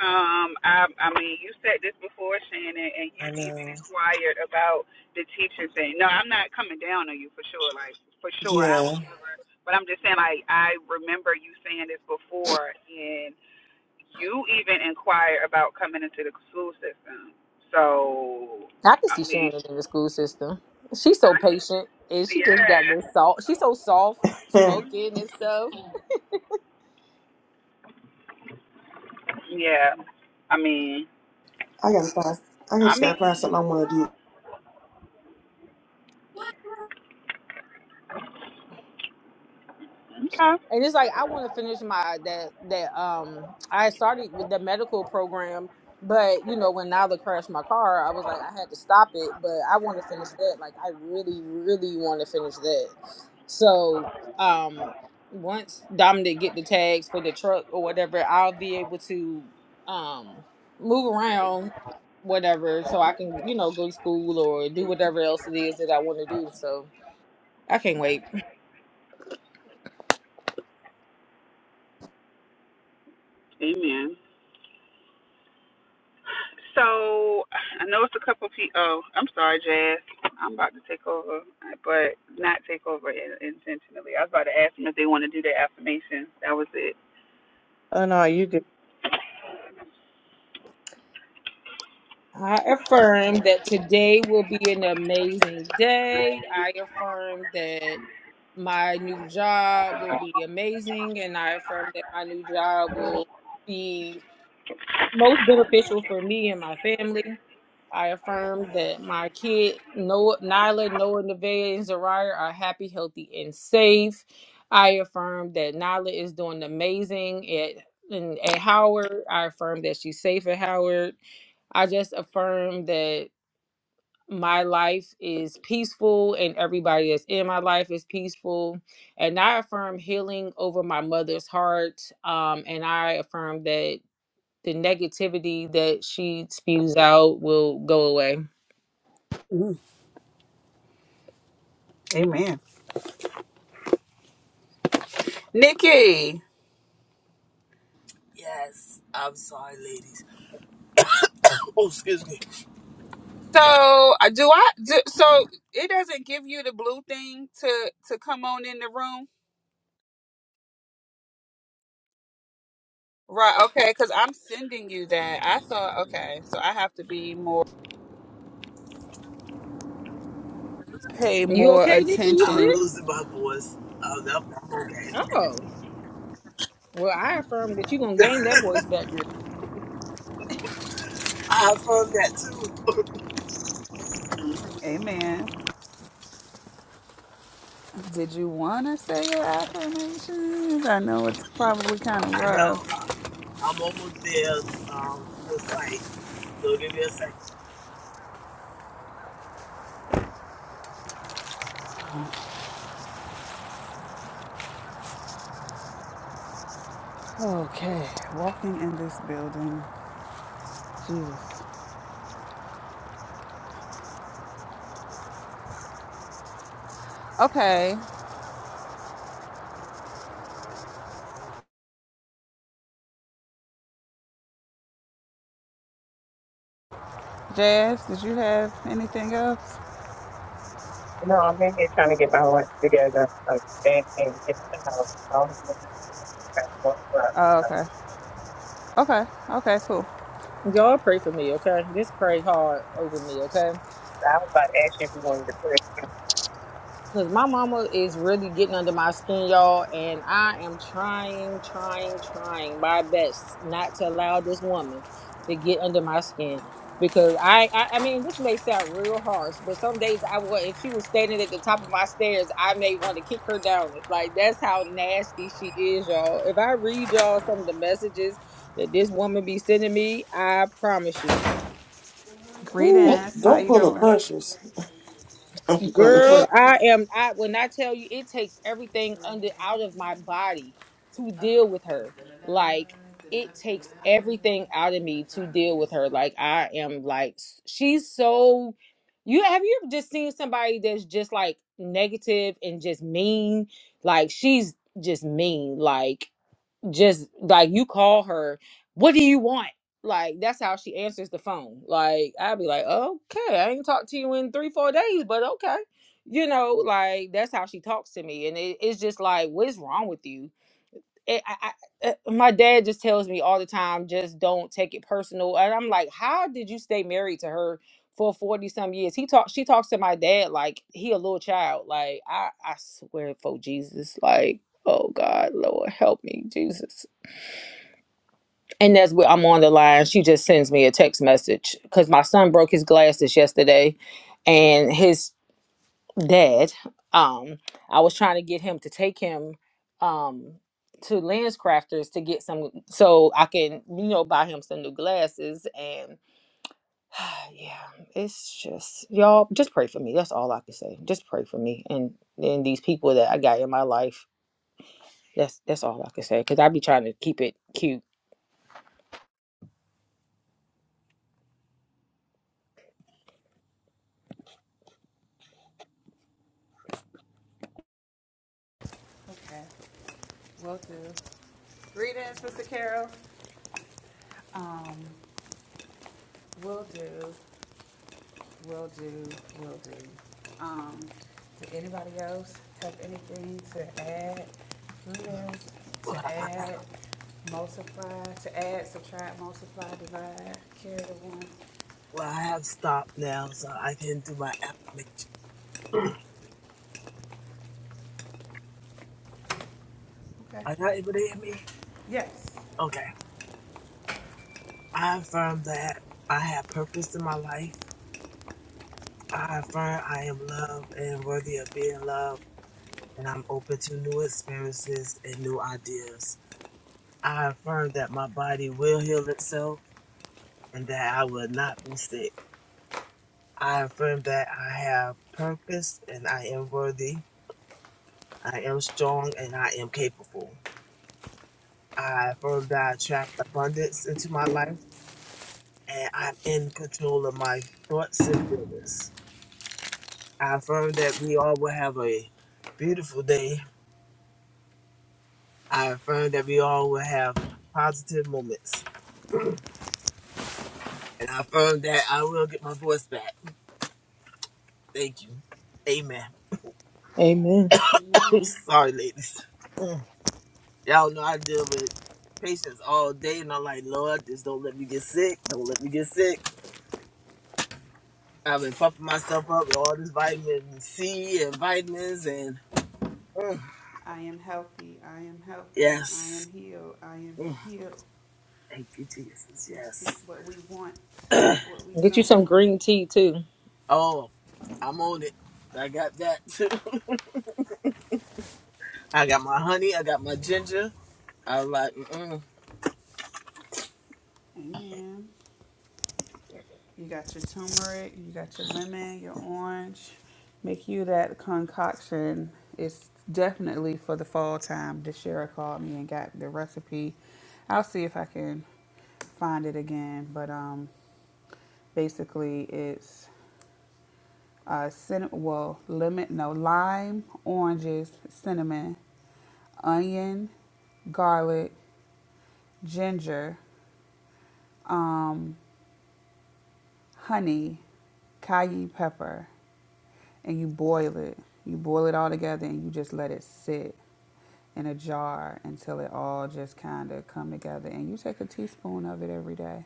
Um, I, I mean, you said this before, Shannon, and you I even know. inquired about the teacher thing. No, I'm not coming down on you for sure. Like for sure, I Yeah. would (laughs) never. But I'm just saying, like I remember you saying this before, and you even inquired about coming into the school system. So, I can I see mean, Shannon in the school system. She's so I, patient, and she just got yeah, this soft. She's so soft Hmm. spoken and stuff. yeah. I mean, I gotta find. I I just mean, gotta find something I want to do. okay, and it's like I want to finish my that that um I started with the medical program, but you know when Nyla crashed my car, I was like I had to stop it, but I want to finish that. Like I really, really want to finish that. So um once Dominic get the tags for the truck or whatever, I'll be able to um move around whatever so I can you know go to school or do whatever else it is that I want to do. So I can't wait. amen. So I know it's a couple people. Oh, I'm sorry, Jazz. I'm about to take over, but not take over in- intentionally. I was about to ask them if they want to do their affirmation. That was it. oh no you I affirm that today will be an amazing day. I affirm that my new job will be amazing, and I affirm that my new job will be most beneficial for me and my family. I affirm that my kid, Noah, Nyla, Noah, Nevaeh, and Zariah are happy, healthy, and safe. I affirm that Nyla is doing amazing at in, at Howard. I affirm that she's safe at Howard. I just affirm that my life is peaceful and everybody that's in my life is peaceful. And I affirm healing over my mother's heart. Um, and I affirm that the negativity that she spews out will go away. Amen. Nikki. Yes, I'm sorry, ladies. Oh, excuse me. So uh, do I do, so it doesn't give you the blue thing to to come on in the room? Right, okay, because I'm sending you that. I thought okay, so I have to be more pay You more okay, Nikki? You I'm attention. sick? losing my voice. Um, I'm not okay. Oh, well, I affirm that you're gonna gain that voice back, girl. I affirm that too. Amen. Did you want to say your affirmations? I know it's probably kind of I know rough. I- am almost there um, to the site. So give me a second. Okay, walking in this building. Jesus. Okay, Jazz, did you have anything else? No, I'm in here trying to get my life together uh, and, and get the house. I don't know if this Oh, okay. Okay, okay, cool. Y'all pray for me, okay? Just pray hard over me, okay? I was about to ask you if you wanted to pray. Cause my mama is really getting under my skin, y'all, and I am trying, trying, trying my best not to allow this woman to get under my skin. Because I, I, I mean, this may sound real harsh, but some days I would, if she was standing at the top of my stairs, I may want to kick her down. Like that's how nasty she is, y'all. If I read y'all some of the messages that this woman be sending me, I promise you, whew, Don't, Greetings. How don't you pull the doing? precious. Don't pull the precious. Girl, I am I when I tell you it takes everything under out of my body to deal with her. Like it takes everything out of me to deal with her. Like I am like s- she's so you have you ever just seen somebody that's just like negative and just mean? Like she's just mean. Like just like you call her, what do you want? Like that's how she answers the phone. Like I'd be like, okay, I ain't talked to you in three, four days, but okay. You know, like that's how she talks to me, and it, it's just like, what is wrong with you? It, I, I, uh, my dad just tells me all the time, just don't take it personal. And I'm like, how did you stay married to her for forty some years? He talks, she talks to my dad like he a little child. Like I, I swear for Jesus, like oh God, Lord help me, Jesus and that's where I'm on the line. She just sends me a text message because my son broke his glasses yesterday, and his dad. Um, I was trying to get him to take him um, to LensCrafters to get some, so I can you know buy him some new glasses. And (sighs) yeah, it's just y'all just pray for me. That's all I can say. Just pray for me and and these people that I got in my life. That's that's all I can say because I be trying to keep it cute. Okay, will do. Greetings, Mr. Carol. Um, will do. Will do, will do. Um, did anybody else have anything to add? Liz, Well, to add, multiply, to add, subtract, multiply, divide, carry the one? well, I have stopped now, so I can do my affirmation. (clears throat) Okay, Are y'all able to hear me? yes. Okay. I affirm that I have purpose in my life. I affirm I am loved and worthy of being loved, and I'm open to new experiences and new ideas. I affirm that my body will heal itself and that I will not be sick. I affirm that I have purpose and I am worthy. I am strong and I am capable. I affirm that I attract abundance into my life and I'm in control of my thoughts and feelings. I affirm that we all will have a beautiful day. I affirm that we all will have positive moments. And I affirm that I will get my voice back. Thank you. Amen. Amen. (laughs) Amen. Sorry, ladies. Mm. Y'all know I deal with patients all day, and I'm like, Lord, just don't let me get sick. Don't let me get sick. I've been pumping myself up with all this vitamin C and vitamins, and mm, I am healthy, I am healthy, I am yes. healed, I am Mm. healed. Thank you, Jesus. We speak Yes. what we want, not what we Get you don't some want. green tea too. (clears throat) oh, I'm on it. I got that too. (laughs) I got my honey. I got my ginger. I was like, mm Amen. You got your turmeric, you got your lemon, your orange. Make you that concoction. It's definitely for the fall time. Deshera called me and got the recipe. I'll see if I can find it again. But um, basically, it's uh, cin- well, lemon, no, lime, oranges, cinnamon, onion, garlic, ginger. um, honey, cayenne pepper, and you boil it. You boil it all together and you just let it sit in a jar until it all just kind of come together. And you take a teaspoon of it every day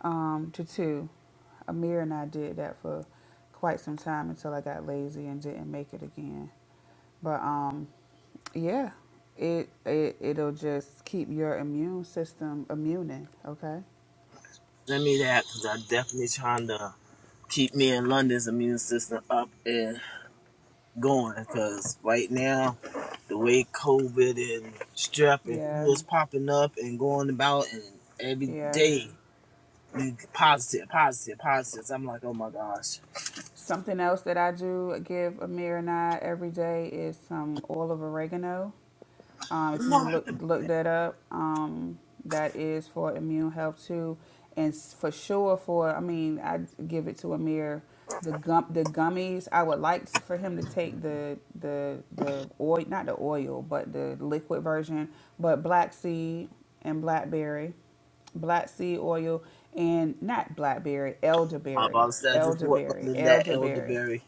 um, to two. Amir and I did that for quite some time until I got lazy and didn't make it again. But um, yeah, it, it it'll just keep your immune system immuning. Okay. send me that because I definitely trying to keep me and London's immune system up. and. going because right now, the way COVID and strep and Yeah. flu is popping up and going about, and every Yeah. day you positive, positive, positive. I'm like, oh my gosh. Something else that I do give Amir and I every day is some oil of oregano. Um, if you No. look look that up, um, that is for immune health too, and s- for sure for I mean I give it to Amir. The gum the gummies I would like to- for him to take the the the oil not the oil but the liquid version, but black seed and blackberry black seed oil and not blackberry, My elderberry, mom said I just bought elderberry, London that elderberry. elderberry.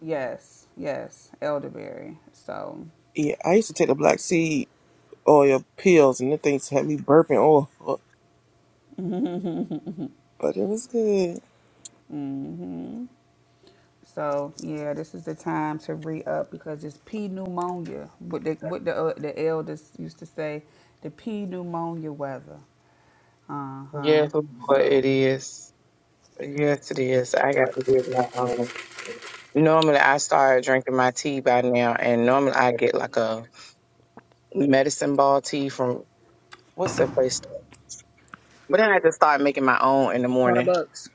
Yes, yes, elderberry. So, Yeah, I used to take the black seed oil pills, and the things had me burping oil, (laughs) but it was good. so yeah, this is the time to re up because it's P pneumonia. What the what the uh, the elders used to say, the P pneumonia weather. Uh huh. Yes, but it So, is. Yes, it is. I got to get my own. Normally, I start drinking my tea by now, and normally I get like a medicine ball tea from what's that place? But then I just started making my own in the morning. Starbucks.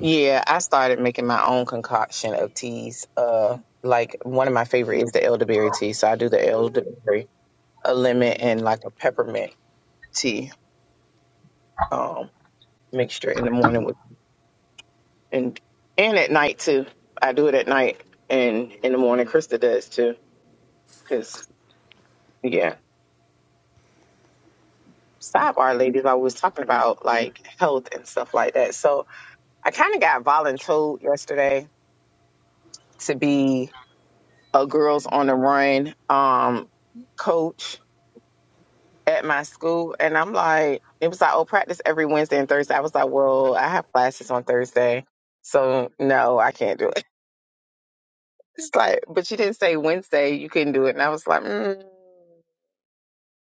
Yeah, I started making my own concoction of teas. Uh, like one of my favorite is the elderberry tea, so I do the elderberry. a lemon and like a peppermint tea um, mixture in the morning with and and at night too. I do it at night and in the morning. Krista does too. Cause yeah, sidebar ladies, I was talking about like health and stuff like that. So I kind of got voluntold yesterday to be a girls on the run um, coach at my school, and I'm like, it was like, oh, practice every Wednesday and Thursday. I was like, well, I have classes on Thursday. So no, I can't do it. It's like, but you didn't say Wednesday you couldn't do it. And I was like, mm,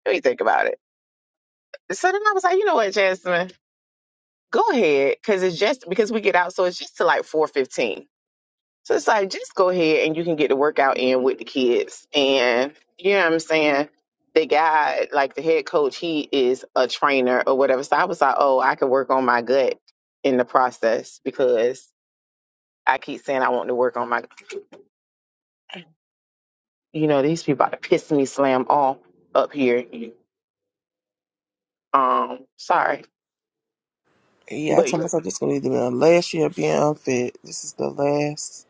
let me think about it. So then I was like, you know what, Jasmine, go ahead. Cause it's just because we get out, so it's just to like four fifteen. So it's like just go ahead and you can get the workout in with the kids. And you know what I'm saying? The guy, like the head coach, he is a trainer or whatever. So I was like, oh, I could work on my gut in the process because I keep saying I want to work on my you know, these people about to piss me slam all up here Um, sorry, Yeah, I but told myself this is gonna be my last year of being unfit. This is the last.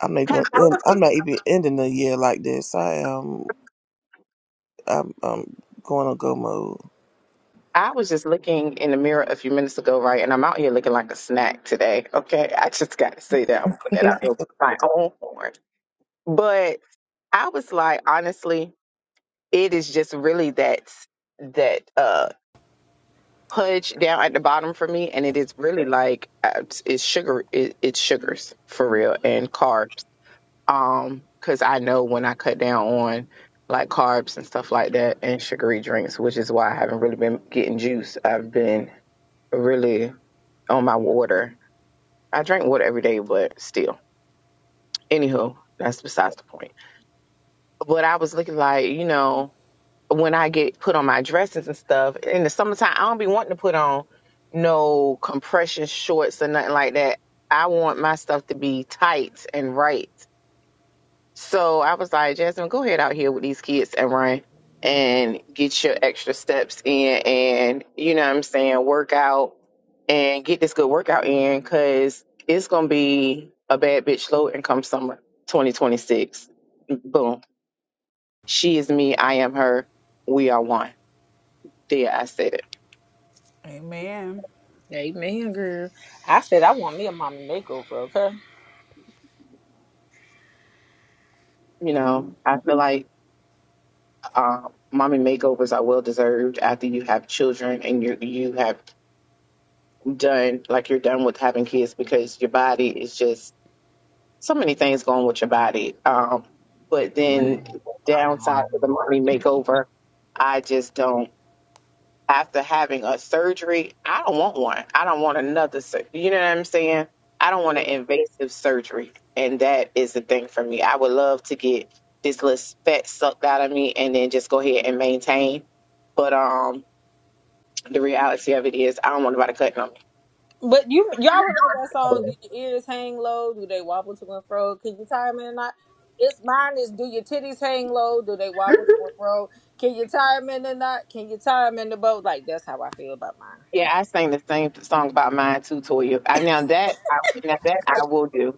I'm not even. because I End, was, I'm not even ending the year like this. I am. I'm. I'm going to go mode. I was just looking in the mirror a few minutes ago, right? And I'm out here looking like a snack today. Okay, I just got to say that I'm putting that out (laughs) in my own horn. But I was like, honestly, it is just really that that uh pudge down at the bottom for me, and it is really like uh, it's sugar. It, it's sugars for real and carbs. Um, 'cause I know when I cut down on like carbs and stuff like that and sugary drinks, which is why I haven't really been getting juice. I've been really on my water. I drink water every day, but still. Anywho, that's besides the point. But I was looking like, you know, when I get put on my dresses and stuff in the summertime, I don't be wanting to put on no compression shorts or nothing like that. I want my stuff to be tight and right So I was like, Jasmine, go ahead out here with these kids and run and get your extra steps in and, you know what I'm saying, work out and get this good workout in because it's going to be a bad bitch low income summer 2026. Boom. She is me. I am her. We are one. There, I said it. amen. Amen, girl. I said I want me a mama makeover, okay? You know, Amen. I feel like um, mommy makeovers are well deserved after you have children and you you have done like you're done with having kids because your body is just so many things going with your body. Um, but then downside to the Oh money makeover, I just don't. After having a surgery, I don't want one. I don't want another. Sur- you know what I'm saying? I don't want an Yeah. invasive surgery, and that is the thing for me. I would love to get this little fat sucked out of me, and then just go ahead and maintain. But um, the reality of it is, I don't want nobody cutting on me. But you y'all remember that song, Do Your Ears Hang Low? Do They Wobble to and Fro? Can you tie 'em in a knot? It's mine is do your titties hang low? Do they wobble to and fro? Can you tie tie 'em in a knot? Can you tie tie 'em in the boat? Like that's how I feel about mine. Yeah, I sang the same song about mine too, Toya. I, now that I now that I will do.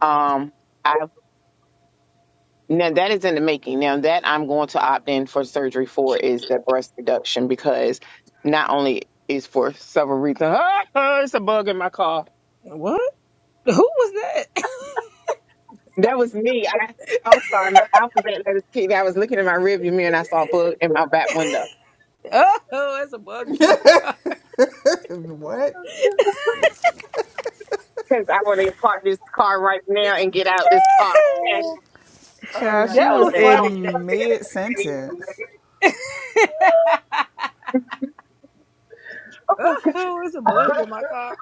Um, I now that is in the making. Now that I'm going to opt in for surgery for is the breast reduction because not only is for several reasons. (laughs) it's a bug in my car. What? Who was that? (laughs) That was me. I, I'm sorry, my alphabet letters kid. I was looking in my rearview mirror and I saw a bug in my back window. Oh, that's a bug in my car. What? (laughs) Because I want to park this car right now and get out this car. Child, yeah, I she that (laughs) got was me. was funny. in mid sentence. That- (laughs) (laughs) oh, it's a bug in my car.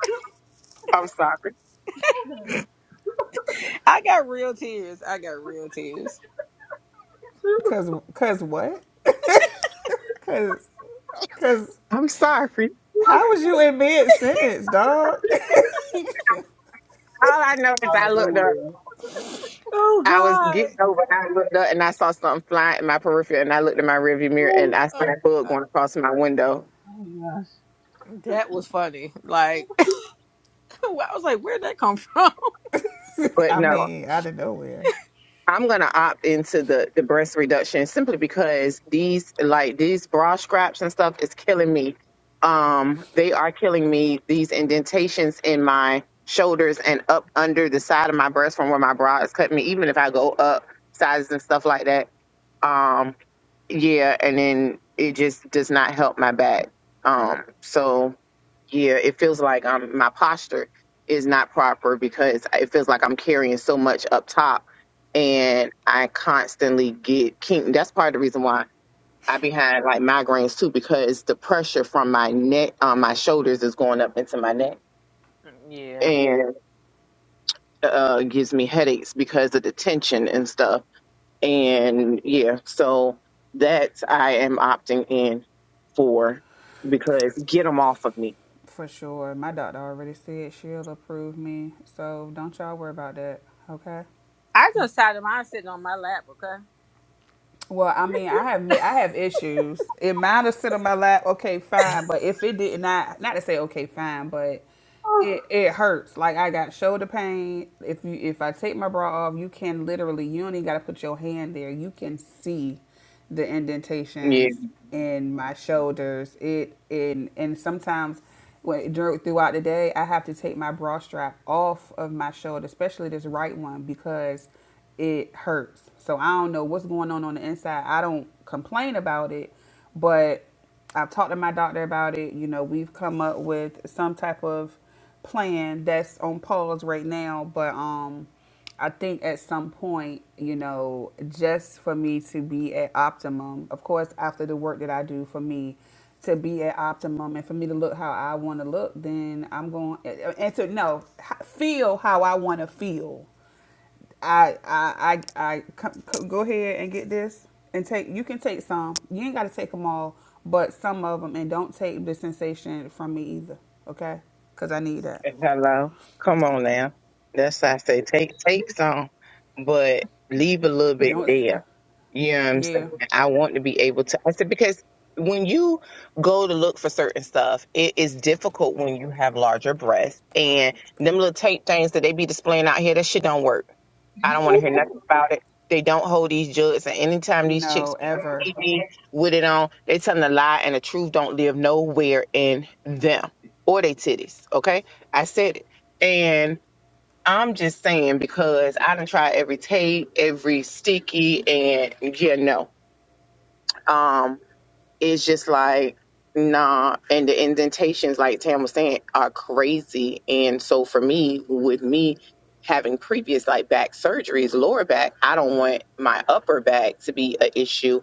I'm sorry. I got real tears. I got real tears. Cause, cause what? Cause, cause I'm sorry. How was you in mid sentence, dog? All I know is Out I of looked up nowhere. Oh I was God. getting over. I looked up and I saw something fly in my peripheral, and I looked in my rearview mirror and Oh I Oh, saw a bug God. going across my window. my gosh. that was funny. Like (laughs) I was like, where'd that come from? (laughs) (laughs) But I no, mean, out of nowhere. I'm gonna opt into the the breast reduction simply because these like these bra scraps and stuff is killing me. Um, they are killing me. These indentations in my shoulders and up under the side of my breast from where my bra is cutting me. Even if I go up sizes and stuff like that, um, yeah, and then it just does not help my back. Um, so yeah, it feels like um my posture is not proper because it feels like I'm carrying so much up top, and I constantly get kink. That's part of the reason why I be having like migraines too because the pressure from my neck, um, my shoulders is going up into my neck Yeah. and uh gives me headaches because of the tension and stuff and yeah, so that's I am opting in for because get them off of me. For sure. My doctor already said she'll approve me. So don't y'all worry about that. Okay. I just sat of mine sitting on my lap, okay? Well, I mean, I have ma- I have issues. It might have sit on my lap. Okay, fine. But if it did not, not to say okay, fine, but Oh. it it hurts. Like I got shoulder pain. If you if I take my bra off, you can literally you don't even got to put your hand there. You can see. the Yeah, indentations in my shoulders. It in and sometimes when, dur- throughout the day, I have to take my bra strap off of my shoulder, especially this right one because it hurts. So I don't know what's going on on the inside. I don't complain about it, but I've talked to my doctor about it. You know, we've come up with some type of plan that's on pause right now, but um I think at some point, you know, just for me to be at optimum, of course, after the work that I do for me to be at optimum and for me to look how I want to look, then I'm going and to no, h- feel how I want to feel. I, I, I, I c- c- go ahead and get this and take, you can take some, you ain't got to take them all, but some of them and don't take the sensation from me either. Okay. Cause I need that. hello, come on now. That's why I say take take some, but leave a little bit Don't, s- there. Yeah, I'm saying yeah, I want to be able to. I said because when you go to look for certain stuff, it is difficult when you have larger breasts and them little tape things that they be displaying out here. That shit don't work. I don't want to hear nothing about it. They don't hold these jugs, and anytime these chicks no, be on ever. TV with it on, they telling a lie, and the truth don't live nowhere in them or they titties. Okay, I said it, I'm just saying because I done tried every tape, every sticky, and yeah, no. Um, it's just like nah and the indentations like tam was saying are crazy and so for me with me having previous like back surgeries lower back i don't want my upper back to be an issue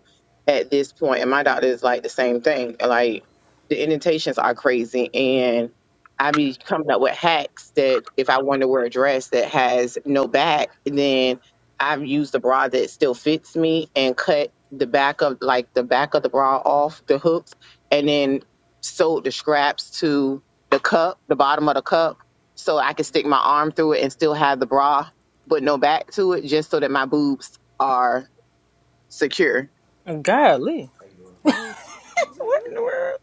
at this point point. and my doctor is like the same thing like the indentations are crazy and i be coming up with hacks that if i want to wear a dress that has no back then. I've used a bra that still fits me and cut the back of like the back of the bra off the hooks and then sewed the scraps to the cup, the bottom of the cup, so I could stick my arm through it and still have the bra but no back to it just so that my boobs are secure. Golly. Hey, What in the world?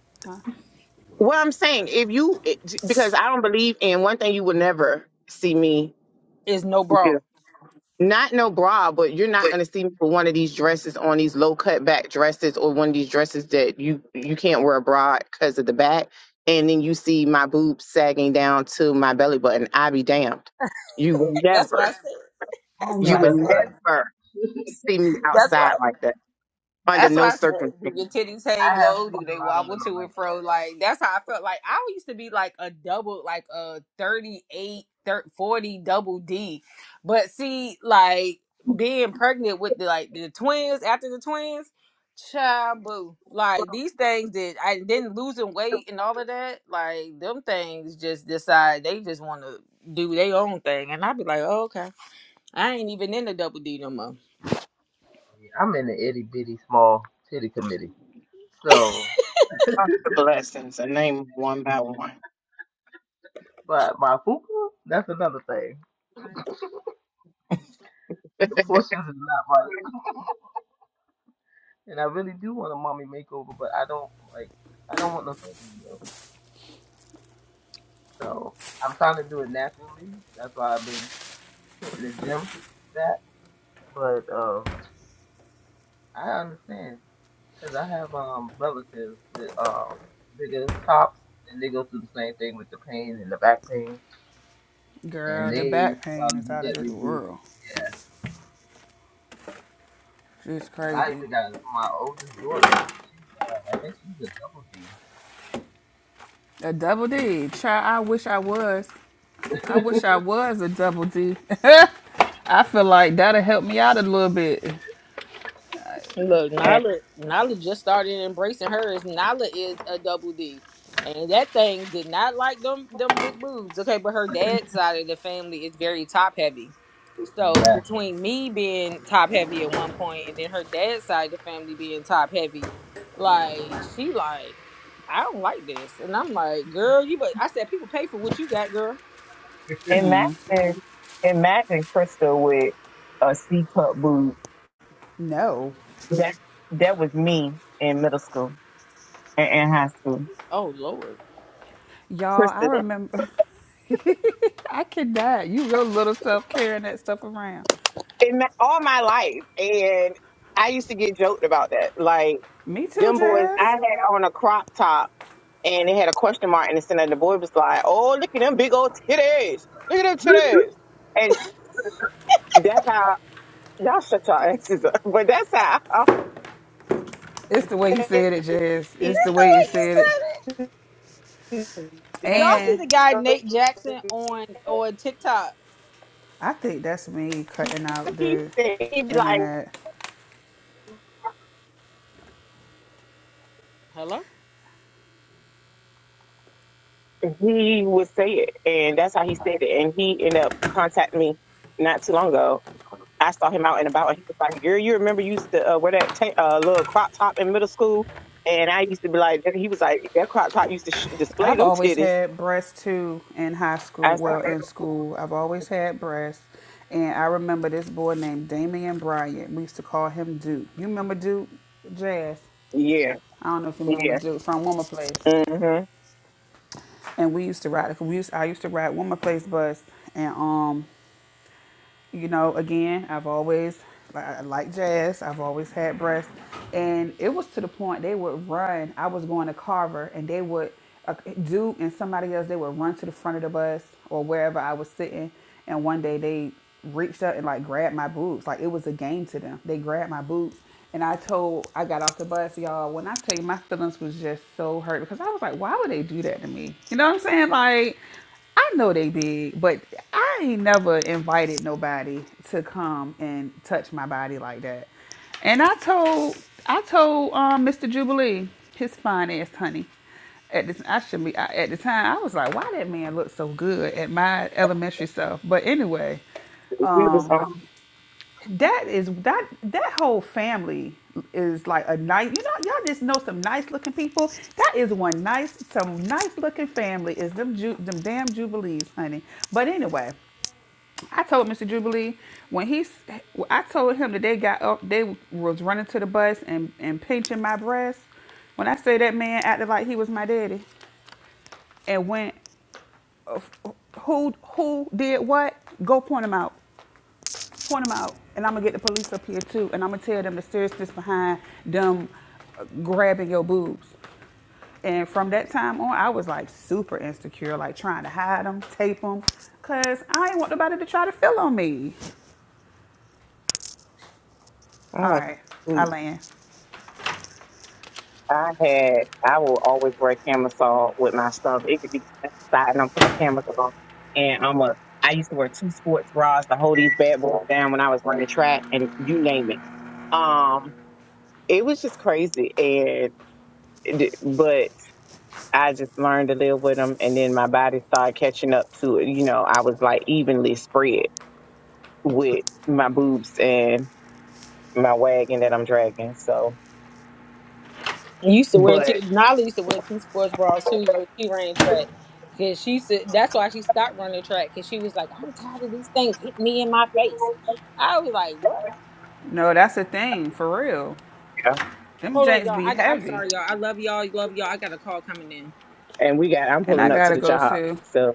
What I'm saying if you it- because I don't believe in one thing you will never see me Is no do. bra. not no bra, but you're not gonna see me with one of these dresses on these low cut back dresses or one of these dresses that you you can't wear a bra because of the back, and then you see my boobs sagging down to my belly button. I be damned. You will That's what I never, said. That's what you I will said. never see me That's what outside like that under That's no why I said, do circumstance. your titties hang low? Do they wobble to and fro? Like that's how I felt. Like I used to be like a double, like a 38, thir 40 double D. But see, like being pregnant with the like the twins after the twins, child boo. Like these things that I didn't losing weight and all of that, like them things just decide they just want to do their own thing, and I'd be like, oh, okay, I ain't even in the double D no more. I'm in the itty bitty small titty committee. So, Count the blessings and name one by one. but my fupa, that's another thing. The portions is not right. And I really do want a mommy makeover, but I don't like I don't want no surgery though. So I'm trying to do it naturally. That's why I've been hitting the gym that. But uh, I understand because I have um relatives with um bigger tops, and they go through the same thing with the pain and the back pain, and girl, the they back pain try to is get out of that this reduced. world. Yeah, It's I crazy. even got my oldest daughter. She's um, I think she's a double D. A double D. Child, I wish I was. I Yeah. wish I was a double D. (laughs) I feel like that'll help me out a little bit. Look, And Nyla, Nyla just started embracing hers. Nyla is a double D, and that thing did not like them them big boobs. Okay, but her dad's side of the family is very top heavy. So (laughs) between me being top heavy at one point, and then her dad's side of the family being top heavy, like she like, I don't like this, and I'm like, girl, you. But I said, people pay for what you got, girl. Imagine, imagine Crystal with a C cup boob. No. That that was me in middle school and in high school. Oh Lord. Y'all, I Crystal, remember. (laughs) I cannot. You real little self carrying that stuff around. in my, all my life, and I used to get joked about that. Like Me too, them boys, I Jazz. had on a crop top and it had a question mark in the center. And the boy was like, "Oh, look at them big old titties! Look at them titties!" And that's how y'all shut your asses up. (laughs) But that's how. It's the way you said it, Jazz. It's the way you What you said it. said? Y'all (laughs) see And the guy (laughs) Nate Jackson on on TikTok? I think that's me cutting out He the said he'd be like internet. Hello. he would say it, and that's how he said it. And he ended up contacting me not too long ago. I saw him out and about, and he was like, "Girl, you remember you used to uh, wear that ta- uh, little crop top in middle school?" And I used to be like, and he was like, "That crop top used to sh- display I've them always titties." had breasts too in high school. I said, Well, in "Okay." school, I've always had breasts. And I remember this boy named Damian Bryant. We used to call him Duke. You remember Duke? Jazz. "Yeah, I don't know if you remember yeah." Duke from Woman Place. hmm And we used to ride. We used, I used to ride Woman Place bus. And um, you know, again, I've always like I like jazz. I've always had breasts, and it was to the point they would run. I was going to Carver, and they would uh, do and somebody else. They would run to the front of the bus or wherever I was sitting, and one day they reached up and like grabbed my boobs. Like it was a game to them. They grabbed my boobs. And I told, I got off the bus, y'all. When I tell you, my feelings was just so hurt because I was like, why would they do that to me? You know what I'm saying? Like, I know they big, but I ain't never invited nobody to come and touch my body like that. And I told I told um, Mr. Jubilee, his fine ass honey, at this I should be I, at the time I was like, why that man look so good at my elementary self. But anyway, We was um, on. that is that that whole family is like a nice you know y'all just know some nice looking people. That is one nice some nice looking family is them ju- them damn jubilees, honey. But anyway, I told Mr. Jubilee when he s- I told him that they got up they was running to the bus and and pinching my breast. When I say that man acted like he was my daddy and went who who did what, go point him out. point them out, and I'm gonna get the police up here too, and I'm gonna tell them the seriousness behind them uh, grabbing your boobs. And from that time on, I was like super insecure, like trying to hide them, tape them, cause I ain't want nobody to try to feel on me. I All like right, to I land. I had, I will always wear camisole with my stuff. It could be outside and I'm putting a camisole and I'm a, I used to wear two sports bras to hold these bad boys down when I was running track and you name it. Um, it was just crazy. And, it- but I just learned to live with them. And then my body started catching up to it. You know, I was like evenly spread with my boobs and my wagon that I'm dragging. So, He used to wear but two. Nala used to wear two sports bras too when she ran track. Cause she said that's why she stopped running track. Cause she was like, I'm tired of these things hit me in my face. I was like, what? No, that's a thing for real. yeah. Them Hold on, janks y'all. be I, I'm heavy, sorry, y'all. I love y'all. Love y'all. I got a call coming in. and we got I'm and pulling I up to gotta the go job. too. So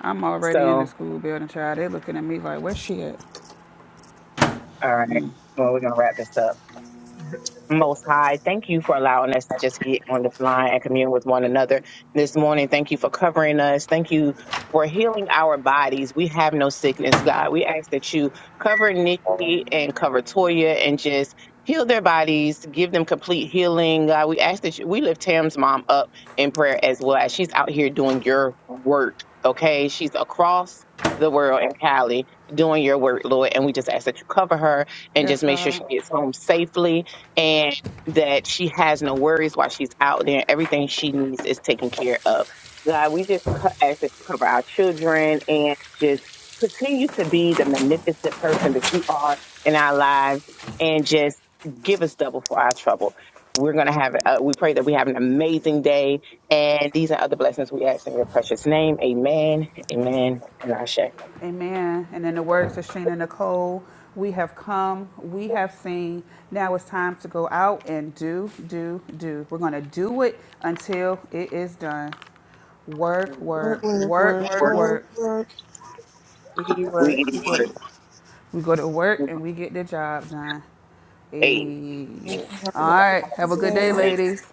I'm already in the so school building, child. They looking at me like, where she at? all right. Well we're gonna wrap this up. Most High, thank you for allowing us to just get on the line and commune with one another this morning. Thank you for covering us. Thank you for healing our bodies. We have no sickness, God. We ask that you cover Nikki and cover Toya and just heal their bodies, give them complete healing. God, we ask that you, we lift Tam's mom up in prayer as well as she's out here doing your work. Okay, she's across the world in Cali doing your work, Lord, and we just ask that you cover her and just Yes, make sure she God. gets home safely and that she has no worries while she's out there. Everything she needs is taken care of. God, we just co- ask that you cover our children and just continue to be the magnificent person that you are in our lives and just give us double for our trouble. We're going to have, uh, we pray that we have an amazing day. And these are other blessings we ask in your precious name. Amen, amen, and Ashe. Amen. And in the words of Sheena Nicole, we have come, we have seen. Now it's time to go out and do, do, do. We're going to do it until it is done. Work, work, work, work, work, work, work, Work, work, work. work. We can work. Wiggity You go. word. We go to work and we get the job done. Hey. Hey. Have All a wonderful right. Have a good day. day, ladies.